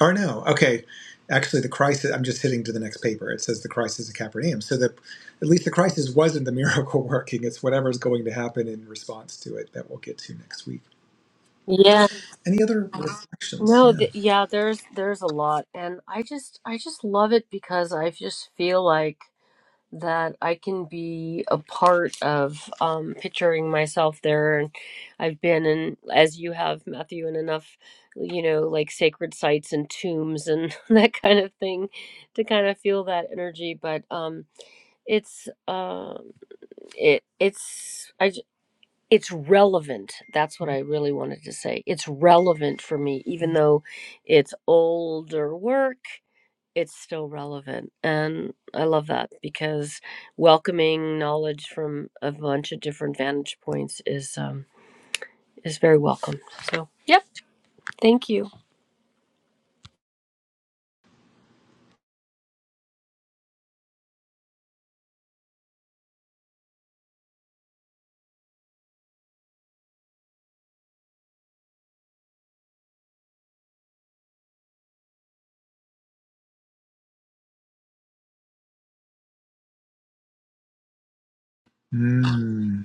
Speaker 2: Or no. Okay. Actually, the crisis, I'm just hitting to the next paper. It says the crisis of Capernaum. So the, at least the crisis wasn't the miracle working. It's whatever's going to happen in response to it that we'll get to next week.
Speaker 1: Yeah.
Speaker 2: Any other reflections?
Speaker 1: No,
Speaker 2: Yeah.
Speaker 1: th yeah, there's there's a lot and I just I just love it because I just feel like that I can be a part of um, picturing myself there. And I've been in, as you have, Matthew, in enough, you know, like sacred sites and tombs and that kind of thing to kind of feel that energy. But um, it's, uh, it, it's, I, j- it's relevant. That's what I really wanted to say. It's relevant for me, even though it's older work it's still relevant and i love that because welcoming knowledge from a bunch of different vantage points is um is very welcome so yep thank you
Speaker 2: Mm,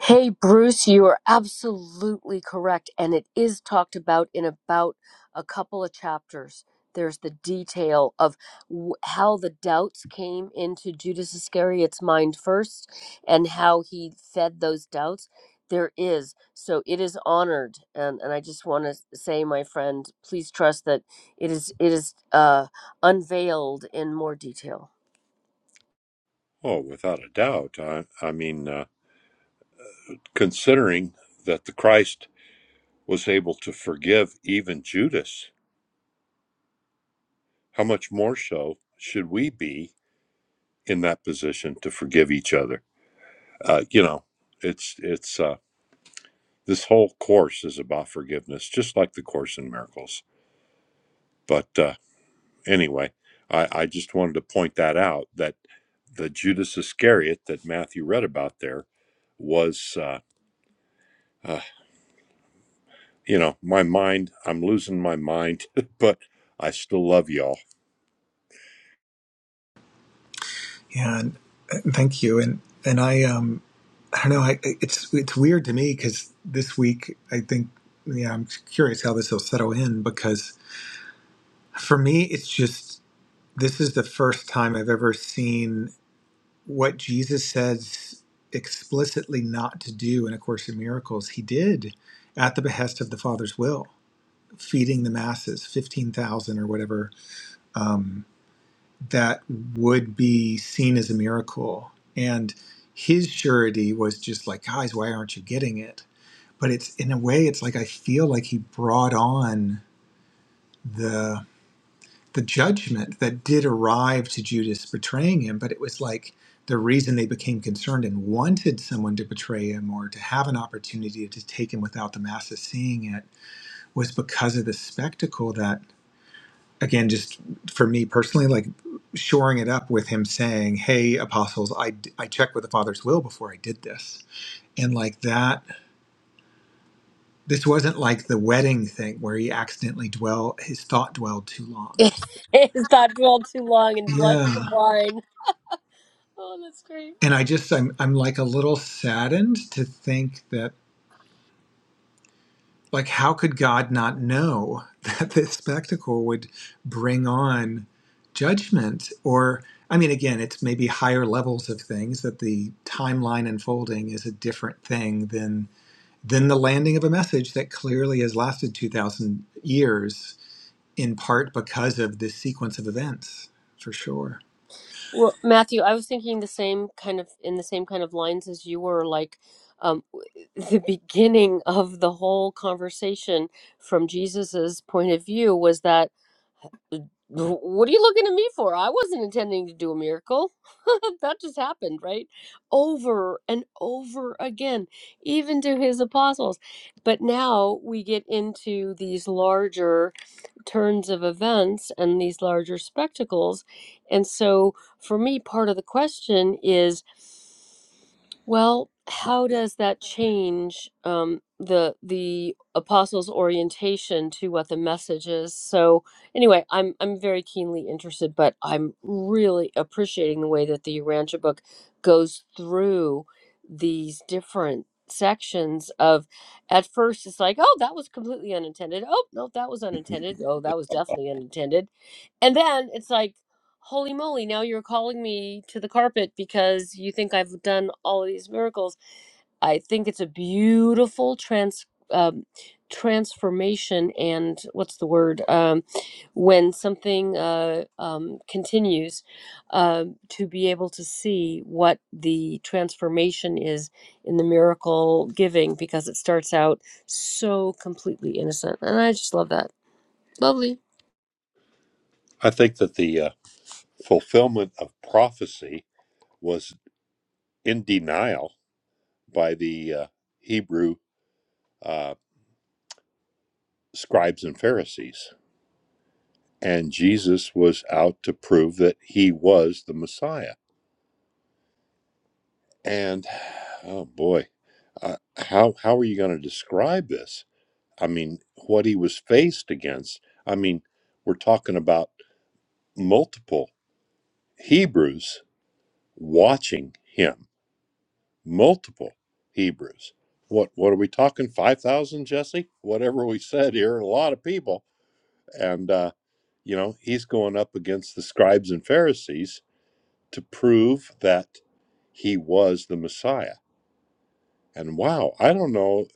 Speaker 1: Hey, Bruce, you are absolutely correct. And it is talked about in about a couple of chapters. There's the detail of w- how the doubts came into Judas Iscariot's mind first and how he fed those doubts. There is. So it is honored. And, and I just want to say, my friend, please trust that it is, it is uh, unveiled in more detail.
Speaker 3: Oh, without a doubt. I, I mean, uh, considering that the Christ was able to forgive even Judas, how much more so should we be in that position to forgive each other? Uh, you know, it's it's uh, this whole course is about forgiveness, just like the Course in Miracles. But uh, anyway, I, I just wanted to point that out that the Judas Iscariot that Matthew read about there was. Uh, you know, my mind, I'm losing my mind, but I still love y'all.
Speaker 2: yeah. And, uh, thank you. And, and I, um, I don't know. I, it's, it's weird to me because this week, I think, yeah, I'm curious how this will settle in because for me, it's just, this is the first time I've ever seen what Jesus says explicitly not to do in A Course in Miracles, he did at the behest of the Father's will, feeding the masses, 15,000 or whatever, um, that would be seen as a miracle. And his surety was just like, guys, why aren't you getting it? But it's in a way, it's like I feel like he brought on the the judgment that did arrive to Judas betraying him, but it was like the reason they became concerned and wanted someone to betray him or to have an opportunity to take him without the masses seeing it was because of the spectacle that, again, just for me personally, like shoring it up with him saying, Hey, apostles, I, I checked with the Father's will before I did this. And like that, this wasn't like the wedding thing where he accidentally dwell, his thought dwelled too long.
Speaker 1: it is not dwelled too long and blush
Speaker 2: Yeah.
Speaker 1: the wine. Oh, that's great.
Speaker 2: and I just I'm I'm like a little saddened to think that like how could God not know that this spectacle would bring on judgment or I mean again it's maybe higher levels of things that the timeline unfolding is a different thing than than the landing of a message that clearly has lasted 2000 years in part because of this sequence of events for sure
Speaker 1: Well, Matthew, I was thinking the same kind of in the same kind of lines as you were, like um, the beginning of the whole conversation from Jesus's point of view was that, what are you looking at me for? I wasn't intending to do a miracle. that just happened, right? Over and over again, even to his apostles. But now we get into these larger turns of events and these larger spectacles. And so, for me, part of the question is. Well, how does that change um, the the apostles' orientation to what the message is? So, anyway, I'm I'm very keenly interested, but I'm really appreciating the way that the Urantia book goes through these different sections of at first it's like oh that was completely unintended oh no that was unintended oh that was definitely unintended and then it's like, holy moly, now you're calling me to the carpet because you think I've done all of these miracles. I think it's a beautiful trans um, transformation and what's the word um, when something uh, um, continues um to be able to see what the transformation is in the miracle giving because it starts out so completely innocent and I just love that. Lovely.
Speaker 3: I think that the uh, fulfillment of prophecy was in denial by the uh, Hebrew uh, scribes and Pharisees. And Jesus was out to prove that he was the Messiah. And oh boy, uh, how, how are you going to describe this? I mean, what he was faced against. I mean, we're talking about multiple Hebrews watching him. Multiple Hebrews. What what are we talking? Five thousand, Jesse? Whatever we said here, a lot of people. And uh, you know, he's going up against the scribes and Pharisees to prove that he was the Messiah. And wow, I don't know,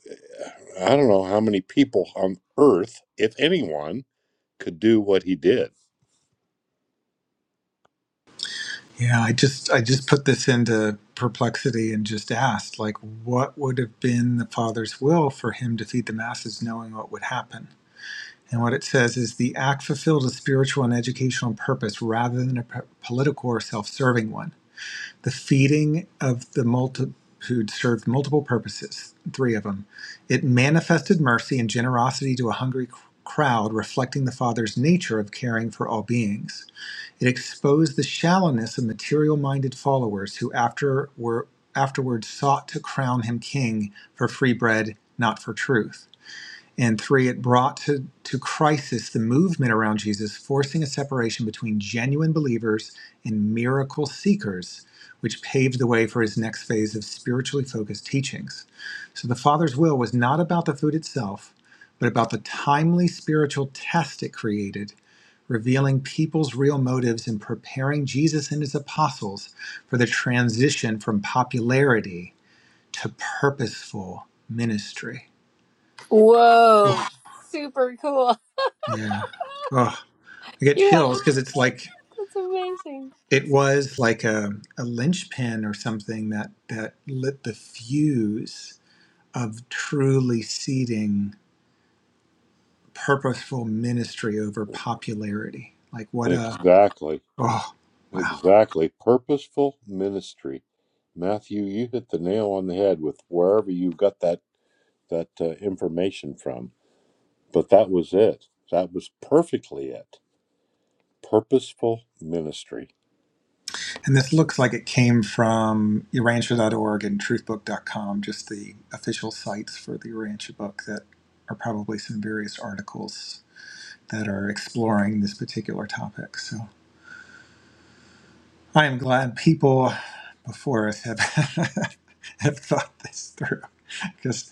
Speaker 3: I don't know how many people on earth, if anyone, could do what he did.
Speaker 2: Yeah, I just I just put this into perplexity and just asked like what would have been the father's will for him to feed the masses knowing what would happen. And what it says is the act fulfilled a spiritual and educational purpose rather than a p- political or self-serving one. The feeding of the multitude served multiple purposes, three of them. It manifested mercy and generosity to a hungry c- crowd reflecting the father's nature of caring for all beings. It exposed the shallowness of material minded followers who after were, afterwards, sought to crown him king for free bread, not for truth. And three, it brought to, to crisis the movement around Jesus, forcing a separation between genuine believers and miracle seekers, which paved the way for his next phase of spiritually focused teachings. So the Father's will was not about the food itself, but about the timely spiritual test it created revealing people's real motives and preparing Jesus and his apostles for the transition from popularity to purposeful ministry.
Speaker 1: Whoa,
Speaker 2: Oof,
Speaker 1: super cool.
Speaker 2: yeah. Oh, I get
Speaker 1: You have
Speaker 2: chills because it's like
Speaker 1: that's amazing.
Speaker 2: it was like a, a linchpin or something that that lit the fuse of truly seeding purposeful ministry over popularity. Like what a
Speaker 3: Exactly.
Speaker 2: oh wow.
Speaker 3: Exactly. Purposeful ministry. Matthew, you hit the nail on the head with wherever you got that that uh, information from. But that was it. That was perfectly it. Purposeful ministry.
Speaker 2: And this looks like it came from urantia.org and truthbook.com, just the official sites for the Urantia book that are probably some various articles that are exploring this particular topic. So I am glad people before us have, have thought this through because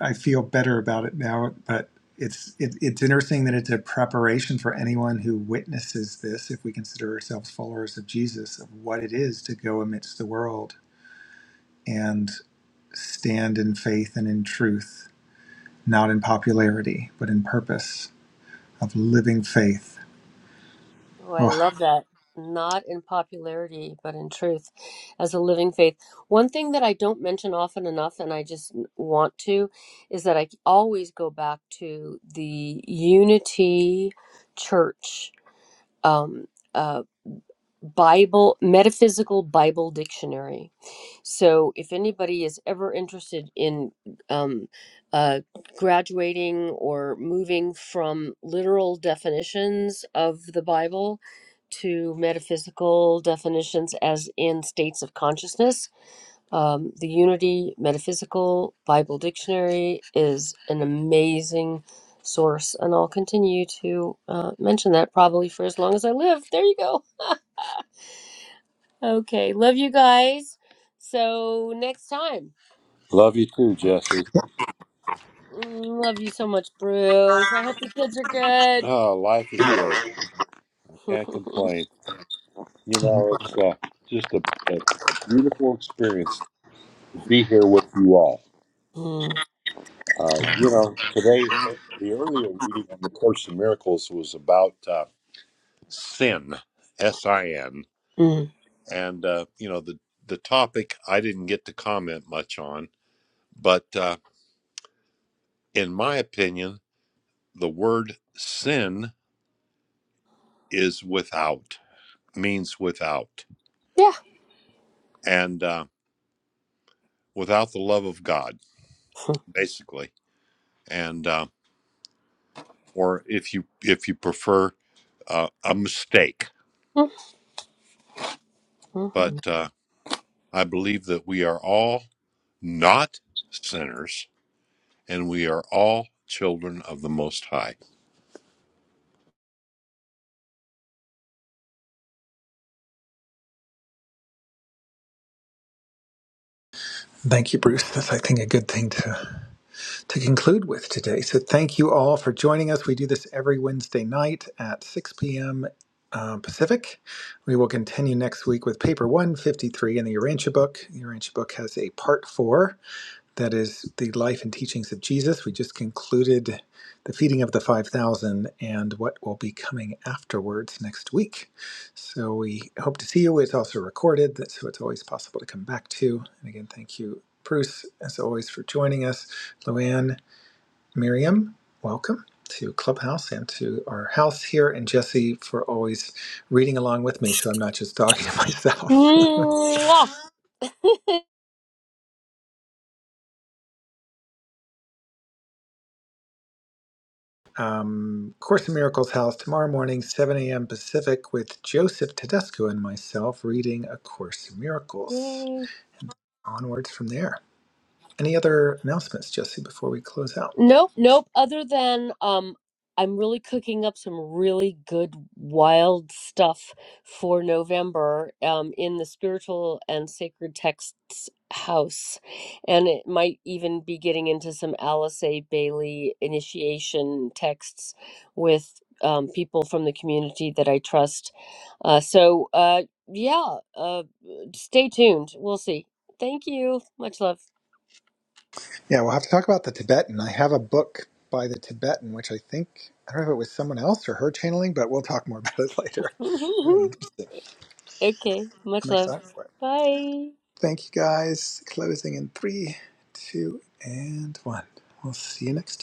Speaker 2: I feel better about it now. But it's, it, it's interesting that it's a preparation for anyone who witnesses this, if we consider ourselves followers of Jesus, of what it is to go amidst the world. and stand in faith and in truth, not in popularity, but in purpose of living faith.
Speaker 1: Oh, I
Speaker 2: Oh,
Speaker 1: love that. Not in popularity, but in truth as a living faith. One thing that I don't mention often enough, and I just want to, is that I always go back to the Unity Church. Um, uh, Bible, Metaphysical Bible Dictionary. So, if anybody is ever interested in um, uh, graduating or moving from literal definitions of the Bible to metaphysical definitions, as in states of consciousness, um, the Unity Metaphysical Bible Dictionary is an amazing source, and I'll continue to uh, mention that probably for as long as I live. There you go. Okay, love you guys. So next time.
Speaker 3: Love you too, Jesse.
Speaker 1: Mm, Love you so much, Bruce. I hope your kids are good.
Speaker 3: Oh, life is good. Can't complain. You know, it's uh, just a, a, a beautiful experience to be here with you all.
Speaker 1: Mm,
Speaker 3: Uh, you know, today the earlier reading on the Course in Miracles was about uh, sin, S I N.
Speaker 1: mm.
Speaker 3: and uh, you know the the topic I didn't get to comment much on, but uh, in my opinion, the word sin is without means without,
Speaker 1: yeah.
Speaker 3: and uh, without the love of God, basically, and uh, or if you if you prefer uh, a mistake, but uh, I believe that we are all not sinners and we are all children of the Most High.
Speaker 2: thank you, Bruce. That's, I think, a good thing to, to conclude with today. So, thank you all for joining us. We do this every Wednesday night at 6 p.m. Uh, Pacific. We will continue next week with paper 153 in the Urantia book. The Urantia book has a part four that is the life and teachings of Jesus. We just concluded the feeding of the 5,000 and what will be coming afterwards next week. So we hope to see you. It's also recorded, so it's always possible to come back to. And again, thank you, Bruce, as always, for joining us. Luann, Miriam, welcome to Clubhouse and to our house here, and Jesse for always reading along with me so I'm not just talking to myself.
Speaker 1: Mwah.
Speaker 2: um, Course in Miracles house tomorrow morning, 7 a.m. Pacific, with Joseph Tedesco and myself reading A Course in Miracles.
Speaker 1: Yay.
Speaker 2: Onwards from there. Any other announcements, Jesse, before we close out?
Speaker 1: Nope, nope. Other than um, I'm really cooking up some really good wild stuff for November um, in the spiritual and sacred texts house, and it might even be getting into some Alice A. Bailey initiation texts with um, people from the community that I trust. Uh, so uh, yeah, uh, stay tuned. We'll see. Thank you. Much love.
Speaker 2: Yeah, we'll have to talk about the Tibetan. I have a book by the Tibetan, which I think, I don't know if it was someone else or her channeling, but we'll talk more about it later. Very interesting.
Speaker 1: Okay,
Speaker 2: I'm
Speaker 1: much love.
Speaker 2: excited for it.
Speaker 1: Bye.
Speaker 2: Thank you guys. Closing in three, two, and one. We'll see you next time.